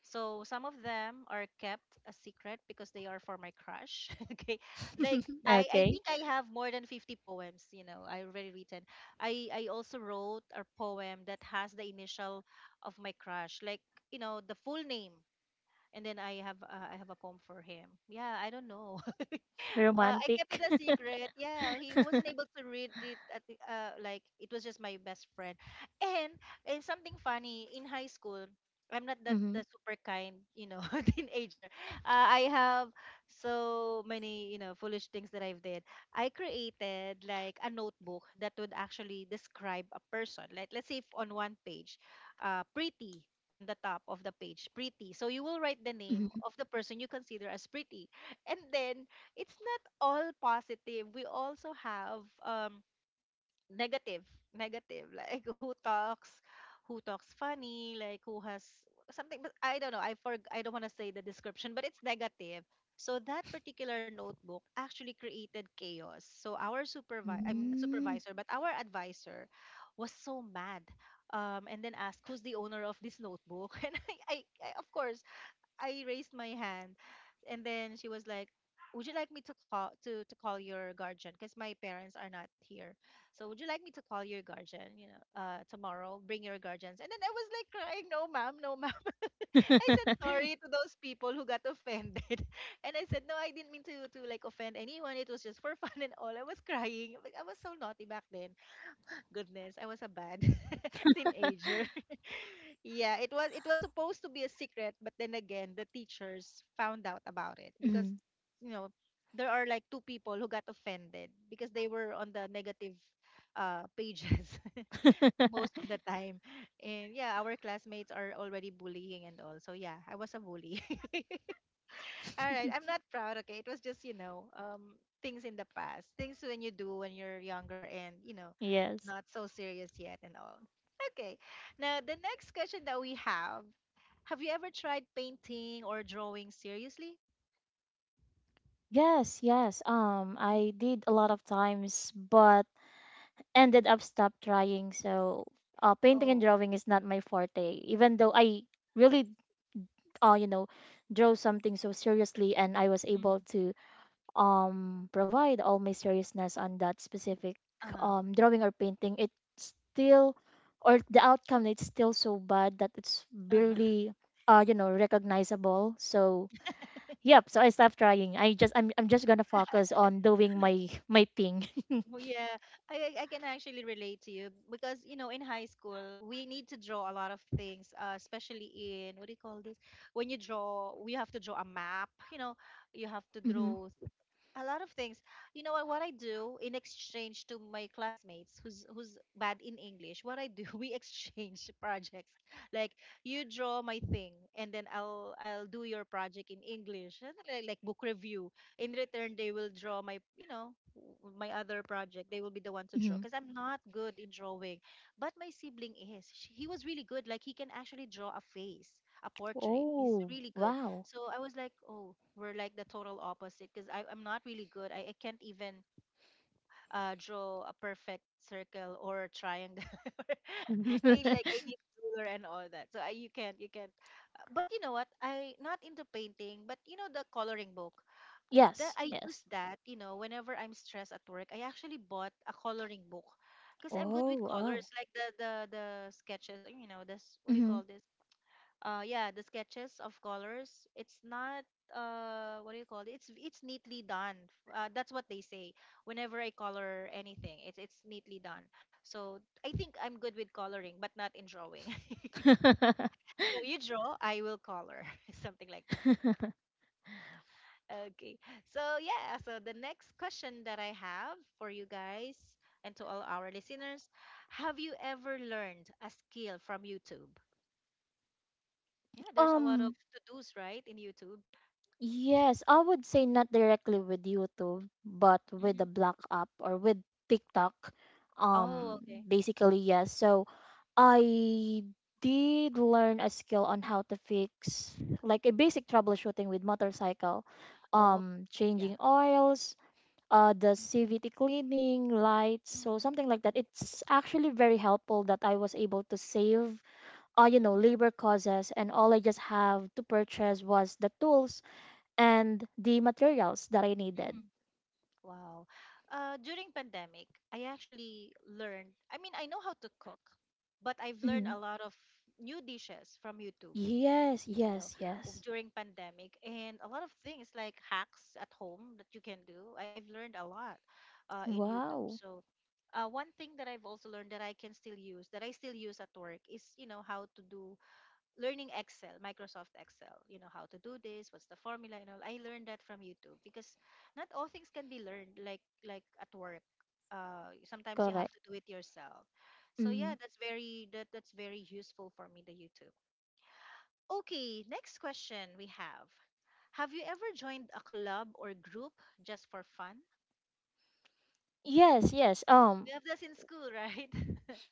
so some of them are kept a secret because they are for my crush. Okay. Like, I okay, think I have more than 50 poems, you know, I already written. I also wrote a poem that has the initial of my crush, like, you know, the full name. And then I have a poem for him. Yeah, I don't know. Well, I kept romantic. it a secret. Yeah, he wasn't able to read it like it was just my best friend. And and something funny in high school, I'm not that Mm-hmm. the super kind, you know, teenager. I have so many, you know, foolish things that I've did. I created like a notebook that would actually describe a person. Like, let's say if on one page, pretty, on the top of the page, pretty. So you will write the name of the person you consider as pretty, and then it's not all positive. We also have, negative, like, who talks funny, like who has something. But I don't know. I don't want to say the description, but it's negative. So that particular notebook actually created chaos. So our supervisor, I'm not Mm-hmm. supervisor, but our advisor was so mad, and then asked who's the owner of this notebook. And I, of course, I raised my hand, and then she was like, would you like me to call your guardian? Because my parents are not here, so would you like me to call your guardian, you know, tomorrow bring your guardians? And then I was like crying, no ma'am, no ma'am. I said sorry to those people who got offended. And I said, no, I didn't mean to like offend anyone. It was just for fun and all. I was crying. Like, I was so naughty back then. Goodness, I was a bad teenager. Yeah, it was supposed to be a secret, but then again, the teachers found out about it because, Mm-hmm. you know, there are like two people who got offended because they were on the negative pages most of the time, and yeah, our classmates are already bullying and all. So yeah, I was a bully. All right, I'm not proud, okay? It was just, you know, things in the past. Things when you're younger and, you know, Yes. not so serious yet and all. Okay. Now, the next question that we have you ever tried painting or drawing seriously? Yes, yes. Mm. I did a lot of times, but ended up stop trying. So painting and Oh. drawing is not my forte, even though I really uh, you know draw something so seriously and I was able Mm. to provide all my seriousness on that specific Uh-huh. Drawing or painting. It still or the outcome it's still so bad that it's Uh-huh. barely recognizable. So yep, so I stopped trying. I'm just gonna focus on doing my thing. Oh, yeah, I can actually relate to you because you know in high school we need to draw a lot of things, especially in what do you call this? When you draw, we have to draw a map. You know, you have to hmm. draw a lot of things. You know what I do in exchange to my classmates who's bad in English, what I do, we exchange projects. Like, you draw my thing, and then I'll do your project in English. Something. Like book review. In return, they will draw my, you know, my other project. They will be the one to draw Hmm. because I'm not good in drawing. But my sibling is. She, he was really good. Like, he can actually draw a face, a portrait. He's Oh, really good. wow. So I was like, oh, we're like the total opposite because I'm not really good. I can't even draw a perfect circle or a triangle. I, like, I need ruler and all that. So I, you can't. But you know what? I not into painting, but you know the coloring book. That Yes, I use yes. that. You know, whenever I'm stressed at work, I actually bought a coloring book because I'm good with Oh, oh. colors, like the sketches. You know, this what do you Hmm. call this? Yeah, the sketches of colors. It's not, what do you call it, it's neatly done, that's what they say. Whenever I color anything, it's neatly done. So I think I'm good with coloring but not in drawing. So you draw, I will color. Something like that. Okay. So yeah, so the next question that I have for you guys and to all our listeners: have you ever learned a skill from YouTube? Yeah, there's a lot of Um, to-dos, right, in YouTube? yes, I would say not directly with YouTube, but with Hmm. the Black app or with TikTok. Oh, Um, okay. basically, yes. So I did learn a skill on how to fix like a basic troubleshooting with motorcycle, Oh, yeah. changing oils, the CVT cleaning, lights, so Mhm. something like that. It's actually very helpful that I was able to save, Mhm. labor causes, and all I just have to purchase was the tools and the materials that I needed. Mhm. Wow. During pandemic, I actually learned, I mean, I know how to cook, but I've learned Mhm. a lot of new dishes from YouTube, Yes, you know, yes, yes. during pandemic, and a lot of things like hacks at home that you can do. I've learned a lot in YouTube. Wow. So one thing that I've also learned that I can still use, that I still use at work is, you know, how to do learning Excel, Microsoft Excel, you know, how to do this, what's the formula and all. I learned that from YouTube because not all things can be learned like at work. Sometimes you have Correct. to do it yourself. So Mhm. yeah, that's very that that's very useful for me, the YouTube. Okay, next question we have. Have you ever joined a club or group just for fun? Yes, yes. We have this in school, right?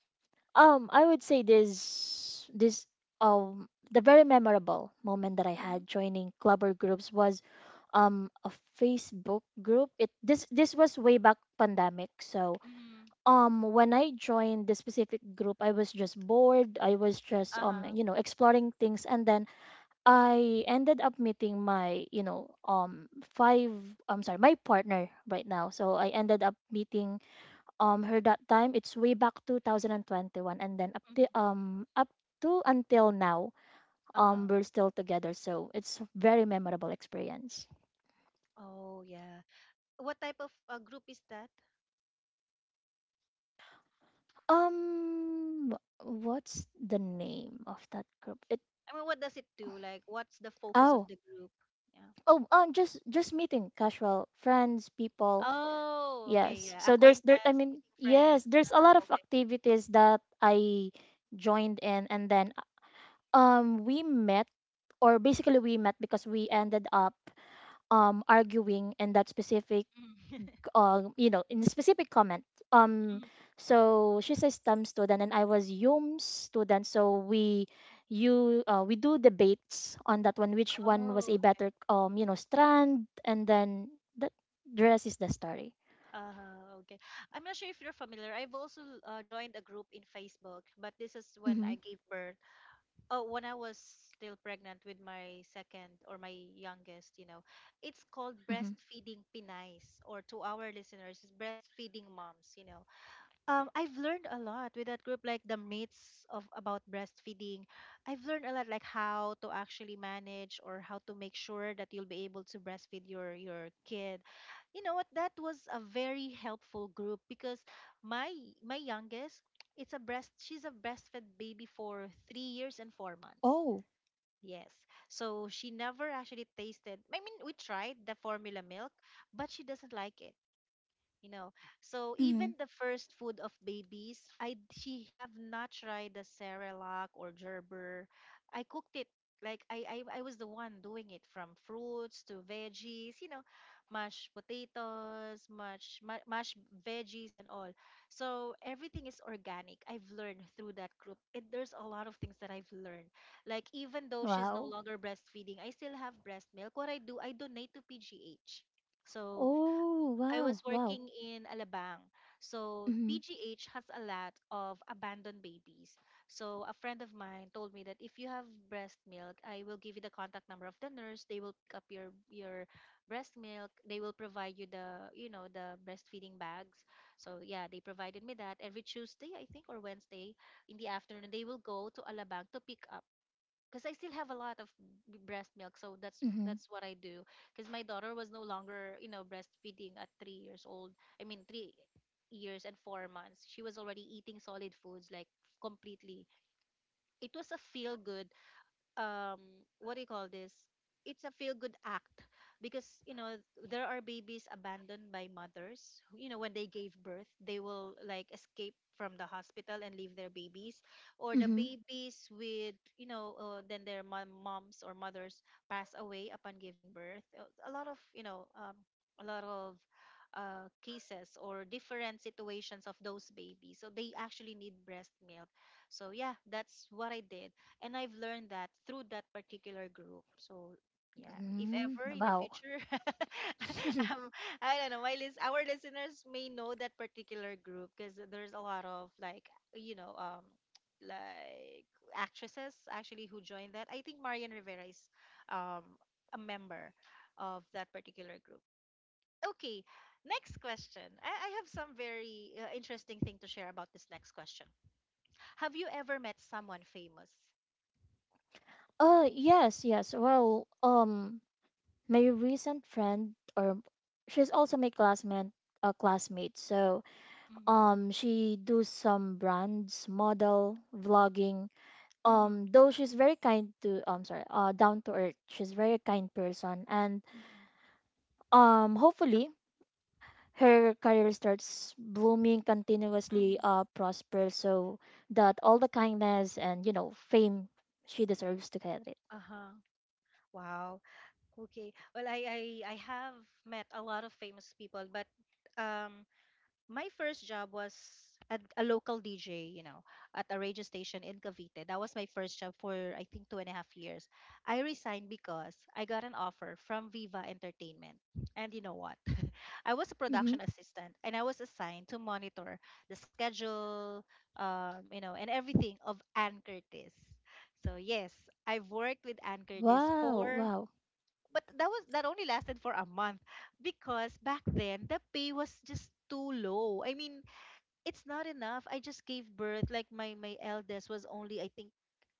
I would say the very memorable moment that I had Mm-hmm. joining club or groups was a Facebook group. It this this was way back pandemic. So Mm-hmm. When I joined this specific group, I was just bored. I was just Uh-huh. Exploring things, and then I ended up meeting my you know five I'm sorry my partner right now. So I ended up meeting her that time. It's way back 2021, and then up Mm-hmm. to up to until now Uh-huh. we're still together, so it's very memorable experience. Oh, yeah. What type of group is that? Um, what's the name of that group? It I mean, what does it do? Like, what's the focus of oh the group? Yeah. oh Just meeting casual friends people. Oh, okay. Yes, Yeah. so there's there I Acquaintance, mean meeting friends. yes there's a Ah, lot of okay. activities that I joined in and then we met or basically we met because we ended up arguing in that specific Mm. In a specific comment. Um, Mm. so she's a STEM student and I was Yum's student. So we do debates on that one, which one was Oh, a okay. better, strand, and then that the rest is the story. Okay. I'm not sure if you're familiar. I've also joined a group in Facebook, but this is when Mm-hmm. I gave birth. Oh, when I was still pregnant with my second or my youngest, you know. It's called Mm-hmm. Breastfeeding Pinays, or to our listeners, it's Breastfeeding Moms, you know. I've learned a lot with that group, like the myths of about breastfeeding. I've learned a lot, like how to actually manage or how to make sure that you'll be able to breastfeed your kid. You know what? That was a very helpful group because my my youngest, it's a breast. She's a breastfed baby for 3 years and 4 months. Oh. Yes. So she never actually tasted. I mean, we tried the formula milk, but she doesn't like it, you know. So even Mm-hmm. the first food of babies, I she have not tried the Cerelac or Gerber. I cooked it. Like I was the one doing it, from fruits to veggies, you know, mashed potatoes, mashed veggies and all. So everything is organic. I've learned through that group. There's a lot of things that I've learned, like even though she's no Wow. longer breastfeeding, I still have breast milk. What I do, I donate to PGH. So Oh, I wow, was wow. working in Alabang. So Mm-hmm. PGH has a lot of abandoned babies. So a friend of mine told me that if you have breast milk, I will give you the contact number of the nurse. They will pick up your breast milk. They will provide you the, you know, the breastfeeding bags. So yeah, they provided me that every Tuesday, I think, or Wednesday in the afternoon, they will go to Alabang to pick up because I still have a lot of breast milk, so that's Mm-hmm. that's what I do. Because my daughter was no longer, you know, breastfeeding at 3 years old. I mean, 3 years and 4 months. She was already eating solid foods, like, completely. It was a feel good, um what do you call this, it's a feel good act, because, you know, there are babies abandoned by mothers who, you know, when they gave birth, they will like escape from the hospital and leave their babies, or the Mm-hmm. babies with, you know, then their moms or mothers pass away upon giving birth. A lot of, you know, a lot of cases or different situations of those babies, so they actually need breast milk. So yeah, that's what I did, and I've learned that through that particular group. So yeah, if ever Mm-hmm. in the Wow. future, um, I don't know, our listeners may know that particular group because there's a lot of, like, you know, like actresses actually who joined that. I think Marian Rivera is, um, a member of that particular group. Okay, next question. I have some very interesting thing to share about this next question. Have you ever met someone famous? Yes, yes. Well, my recent friend or she's also my classmate so Mm-hmm. She do some brands model vlogging, though she's very kind to sorry down to earth, she's very kind person and Mhm, hopefully her career starts blooming continuously mhm. Prosper, so that all the kindness and fame she deserves to get it. Uh-huh. Wow. Okay. Well, I have met a lot of famous people, but um my first job was at a local DJ, you know, at a radio station in Cavite. That was my first job for I think 2.5 years. I resigned because I got an offer from Viva Entertainment. And you know what? I was a Mm-hmm. production assistant and I was assigned to monitor the schedule, you know, and everything of Ann Curtis. So yes, I've worked with Ann Curtis Wow, for, wow. but that only lasted for a month because back then the pay was just too low. I mean, it's not enough. I just gave birth. Like my eldest was only I think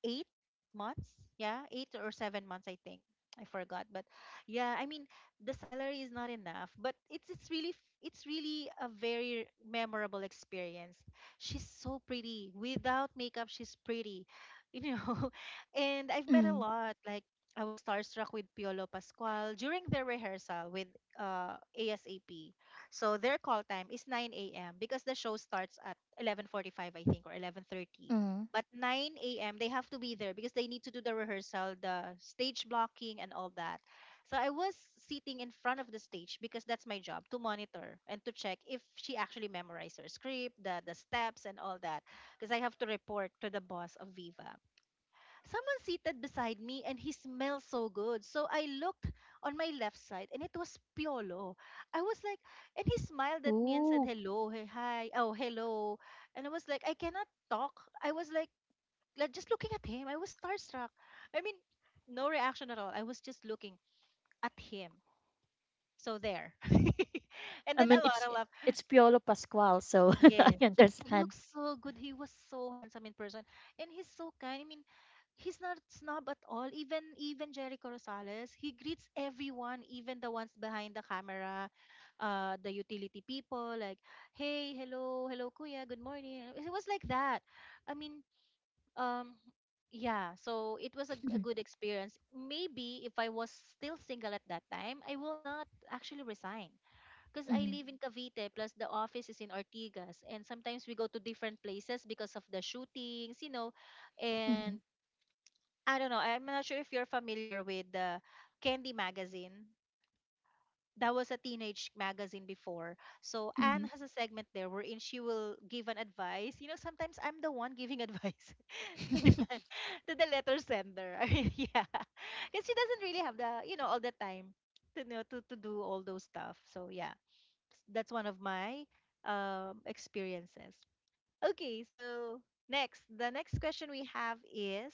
8 months. Yeah, 8 or 7 months. I think I forgot. But yeah, I mean the salary is not enough. But it's really a very memorable experience. She's so pretty without makeup. She's pretty, you know. And I've met a Mm. lot, like. I was starstruck with Piolo Pascual during the rehearsal with ASAP. So their call time is 9 a.m. because the show starts at 11:45, I think, or 11:30. Mm. But 9 a.m. they have to be there because they need to do the rehearsal, the stage blocking, and all that. So I was sitting in front of the stage because that's my job to monitor and to check if she actually memorized her script, the steps, and all that. Because I have to report to the boss of Viva, someone seated beside me and he smells so good. So I looked on my left side and it was Piolo. I was like, and he smiled at me and said, Ooh. "Hello, hey, hi, oh, hello." And I was like, I cannot talk. I was like, just looking at him. I was starstruck. I mean, no reaction at all. I was just looking at him. So there. And I then a mean, lot of love. it's Piolo Pascual, so I Yes. He understand. looks so good. He was so handsome in person. And he's so kind. I mean, he's not snob at all. Even Jericho Rosales, he greets everyone, even the ones behind the camera, the utility people, like, hey, hello, hello, kuya, good morning. It was like that. I mean, um, yeah. So it was a Mhm. good experience. Maybe if I was still single at that time, I will not actually resign because I Mhm. live in Cavite, plus the office is in Ortigas, and sometimes we go to different places because of the shootings, you know, Mhm. and I don't know. I'm not sure if you're familiar with the Candy magazine. That was a teenage magazine before. So Anne Mhm. has a segment there wherein she will give an advice. You know, sometimes I'm the one giving advice to the to the letter sender. I mean, yeah, because she doesn't really have the, you know, all the time to know to do all those stuff. So yeah, that's one of my experiences. Okay, so the next question we have is: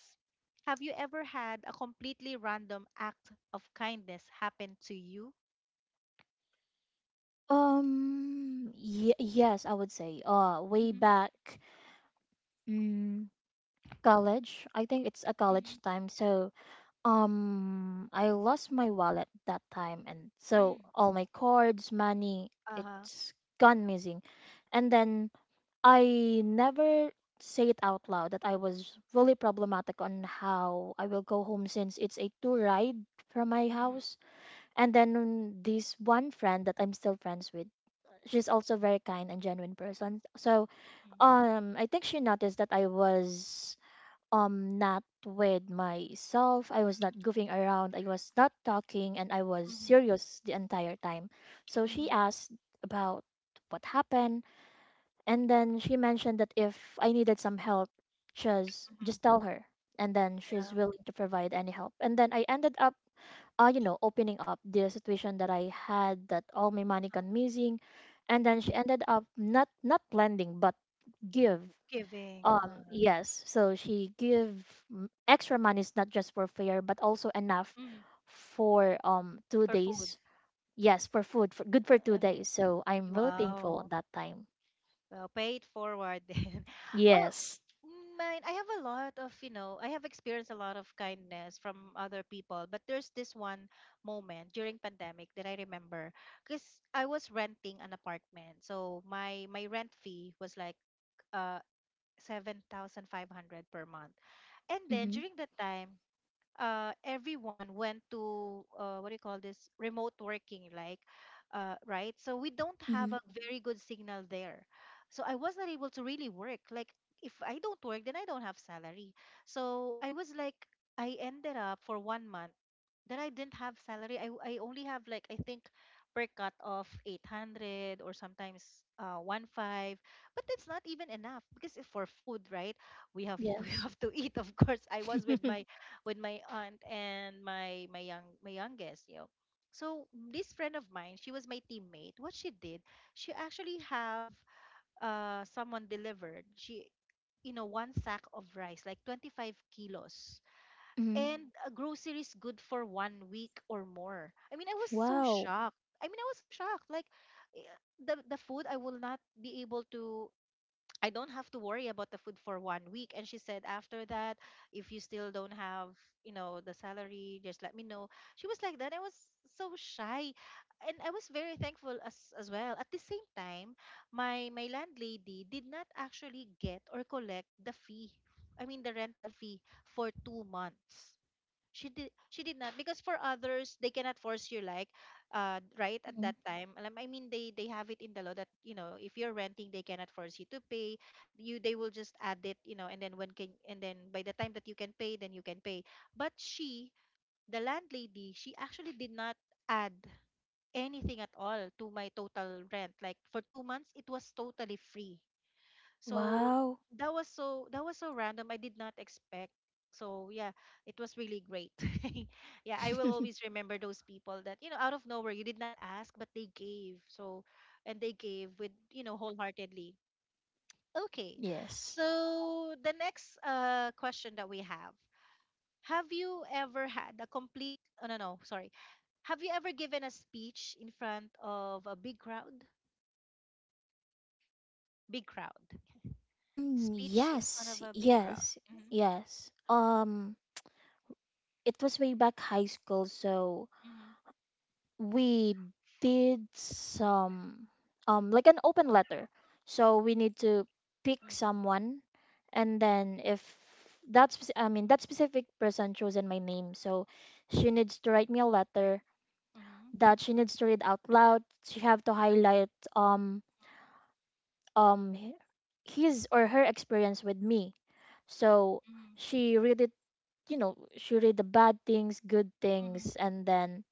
have you ever had a completely random act of kindness happen to you? Yes, I would say. Way Mm-hmm. back, mm, college. I think it's a Mm-hmm. college time. So, I lost my wallet that time, and so Mm-hmm. all my cards, money, Uh-huh. it's gone missing. And then I never say it out loud that I was really problematic on how I will go home since it's a two ride from my Mm-hmm. house. And then this one friend that I'm still friends with, she's also very kind and genuine person. So I think she noticed that I was not with myself. I was not goofing around. I was not talking and I was Mm-hmm. serious the entire time. So Mm-hmm. she asked about what happened, and then she mentioned that if I needed some help, just Mm-hmm. just tell her. And then she's Yeah. willing to provide any help. And then I ended up, opening up the situation that I had, that all my money gone missing. And then she Mm. ended up not lending but give. Giving, Yes. So she give m- extra monies not just for fare but also enough mm, for two or food. days. Yes, for food, for, good for two Hmm, days. So I'm really thankful on wow. that time. Well, pay it forward, then. Oh, Yes. mine, I have a lot of, you know, I have experienced a lot of kindness from other people, but there's this one moment during pandemic that I remember because I was renting an apartment. So my rent fee was like uh 7,500 per month. And then Mm-hmm. during that time, everyone went to, what do you call this, remote working, like, right, so we don't have Mm-hmm. a very good signal there. So I was not able to really work. Like if I don't work, then I don't have salary. So I was like, I ended up for one month that I didn't have salary. I only have like I think per cut of 800, or sometimes one five, but that's not even enough because it's for food, right? we have We Yes. have to eat, of course. I was with my, with my aunt and my youngest, you know. So this friend of mine, she was my teammate. What she did, she actually have someone delivered. She, you know, one sack of rice like 25 kilos Mm-hmm. and groceries good for one week or more. I mean, I was so Wow. shocked. I was so shocked like eh, the food I will not be able to, I don't have to worry about the food for one week. And she said, after that, if you still don't have, you know, the salary, just let me know. She was like that. I was so shy. And I was very thankful as well. At the same time, my landlady did not actually get or collect the fee. I mean the rental fee for two months, she did not. Because for others they cannot force you, like, right at that Mhm. time, alam, I mean, they have it in the law that, you know, if you're renting they cannot force you to pay, you they will just add it, you know. And then by the time that you can pay, then you can pay. But she the landlady, she actually did not add anything at all to my total rent. Like, for 2 months it was totally free. So Wow. that was so, that was so random. I did not expect. So yeah, it was really great. Yeah, I will always remember those people that, you know, out of nowhere, you did not ask, but they gave. So, and they gave with, you know, wholeheartedly. Okay. Yes. So the next question that we have. Have you ever had a complete, oh no, no, sorry. Have you ever given a speech in front of a big crowd? Big crowd. Speech in front Yes, of a big crowd. yes, yes. It was way back high school, so Hmm. we did some, like an open letter. So we need to pick Mhm. someone, and then if that's, I mean, that specific person chosen my name, so she needs to write me a letter Mhm. that she needs to read out loud. She have to highlight um um h- his or her experience with me. So Mhm. she read it, you know, she read the bad things, good Mhm. things, and then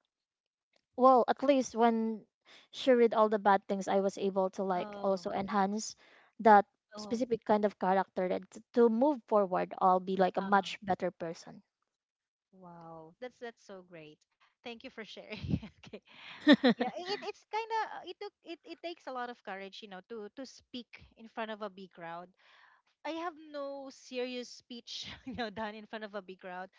well, at least when she read all the bad things, I was able to like Oh. also enhance that Oh. specific kind of character to move forward, I'll be like a much Uh-huh. better person. Wow, that's so great. Thank you for sharing. Okay. Yeah, it, it's kind of, it took, it takes a lot of courage, you know, to speak in front of a big crowd. I have no serious speech, you know, done in front of a big crowd.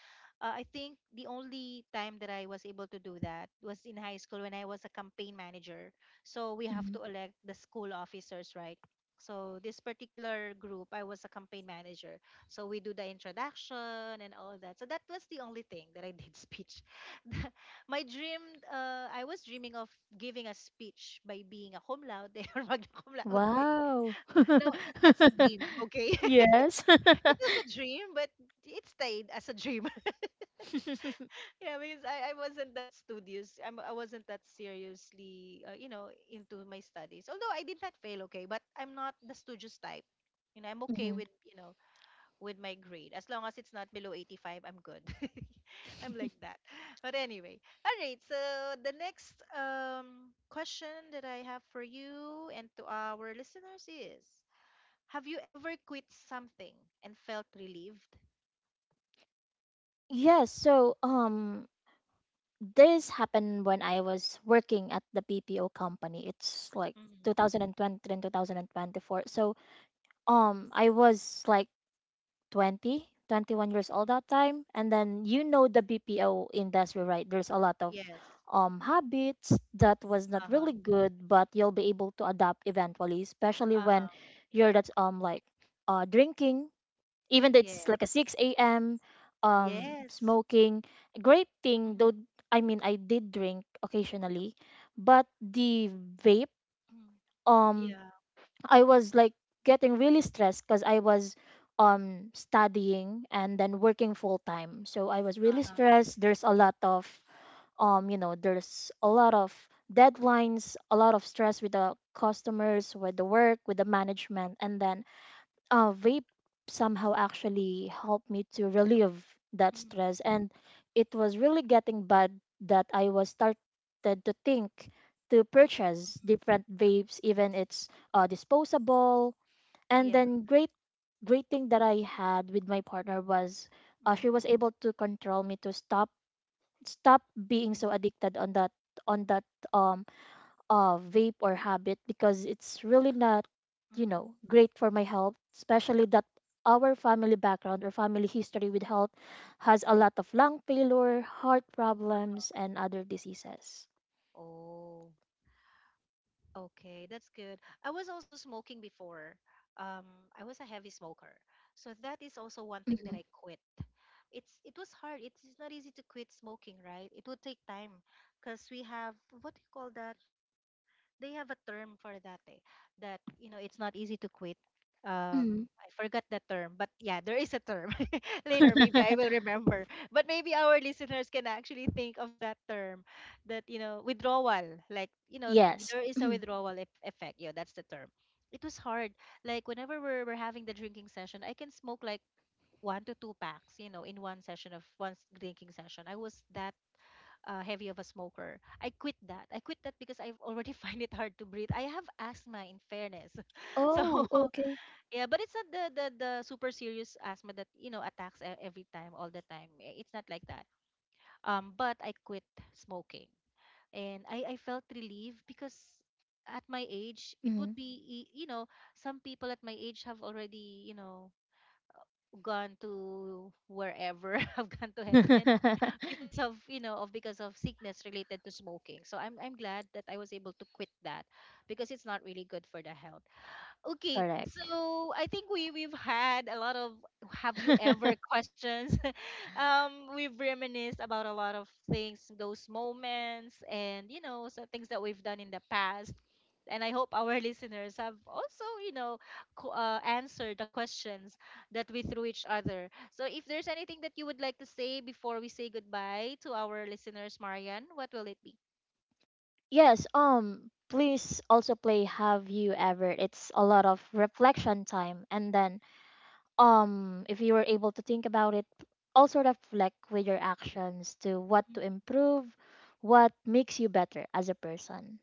I think the only time that I was able to do that was in high school when I was a campaign manager. So we have Mhm. to elect the school officers, right? So this particular group, I was a campaign manager. So we do the introduction and all that. So that was the only thing that I did speech. My dream, I was dreaming of giving a speech by being a cum laude or magna cum laude. Wow. No, that's a dream, okay? Yes. It was a dream, but it stayed as a dream. Yeah, because I wasn't that studious. I wasn't that seriously, you know, into my studies. Although I did not fail, okay, but I'm not the studious type. You know, I'm okay Mhm. with, you know, with my grade. As long as it's not below 85, I'm good. I'm like that. But anyway, all right. So the next question that I have for you and to our listeners is, have you ever quit something and felt relieved? Yes, so this happened when I was working at the BPO company. It's like Mhm. 2020 and 2024. So I was like 20, 21 years old that time. And then you know the BPO industry, right? There's a lot of Yes. Habits that was not Uh-huh. really good, but you'll be able to adapt eventually, especially Uh-huh. when you're that's like drinking even though it's Yes. like a 6 a.m., Yes. smoking. Great thing Mhm. though, I mean, I did drink occasionally, but the vape, Mhm. um Yeah. I was like getting really stressed because I was studying and then working full time, so I was really Uh-huh. stressed. There's a lot of there's a lot of deadlines, a lot of stress with the customers, with the work, with the management, and then vape somehow actually helped me to relieve that Mhm. stress. And it was really getting bad that I was started to think to purchase Mhm. different vapes even it's disposable. And Yeah. then great thing that I had with my partner was she Mhm. was able to control me to stop being Mhm. so addicted on that um vape or habit because it's really not, you Mhm. know, great for my health, especially that our family background or family history with health has a lot of lung failure, heart problems, and other diseases. Oh, okay. That's good. I was also smoking before. Um, I was a heavy smoker. So that is also one thing that Mhm. I quit. It's it was hard. It's not easy to quit smoking, right? It would take time because we have, what do you call that? They have a term for that, that, you know, it's not easy to quit. Mhm. I forgot that term, but yeah, there is a term. Later maybe I will remember, but maybe our listeners can actually think of that term, that, you know, withdrawal, like, you know, Yes. there is a withdrawal effect. Yeah, that's the term. It was hard. Like whenever we're having the drinking session, I can smoke like one to two packs, you know, in one session of one drinking session. I was that heavy of a smoker. I quit that. I quit that because I have already find it hard to breathe. I have asthma, in fairness. So Oh, okay. yeah, but it's not the super serious asthma that, you know, attacks every time, all the time. It's not like that. But I quit smoking, and I felt relieved because at my age it would Mhm. be you know, some people at my age have already, you know, gone to wherever have gone to heaven because of, you know, of because of sickness related to smoking. So I'm glad that I was able to quit that, because it's not really good for the health. Okay, Correct. so I think we've had a lot of have you ever questions. Um, we've reminisced about a lot of things, those moments, and, you know, so things that we've done in the past. And I hope our listeners have also, you know, answered the questions that we threw each other. So if there's anything that you would like to say before we say goodbye to our listeners, Marian, what will it be? Yes, please also play Have You Ever? It's a lot of reflection time. And then if you were able to think about it, also reflect with your actions to what to improve, what makes you better as a person.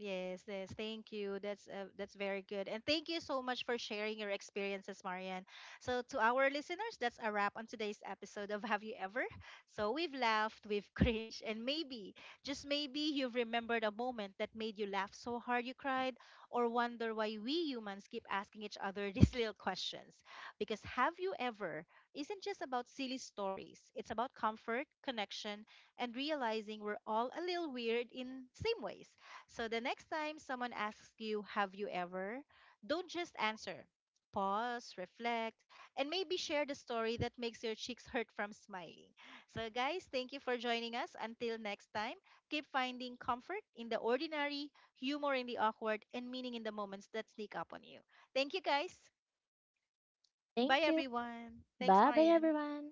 Yes, yes. Thank you. That's very good. And thank you so much for sharing your experiences, Marian. So to our listeners, that's a wrap on today's episode of Have You Ever? So we've laughed, we've cringed, and maybe, just maybe you've remembered a moment that made you laugh so hard you cried, or wonder why we humans keep asking each other these little questions. Because Have You Ever isn't just about silly stories. It's about comfort, connection, and realizing we're all a little weird in same ways. So the next time someone asks you, have you ever? Don't just answer. Pause, reflect, and maybe share the story that makes your cheeks hurt from smiling. So, guys, thank you for joining us. Until next time, keep finding comfort in the ordinary, humor in the awkward, and meaning in the moments that sneak up on you. Thank you, guys. Bye, Thank you. everyone. Thanks, Bye bye Marian. everyone.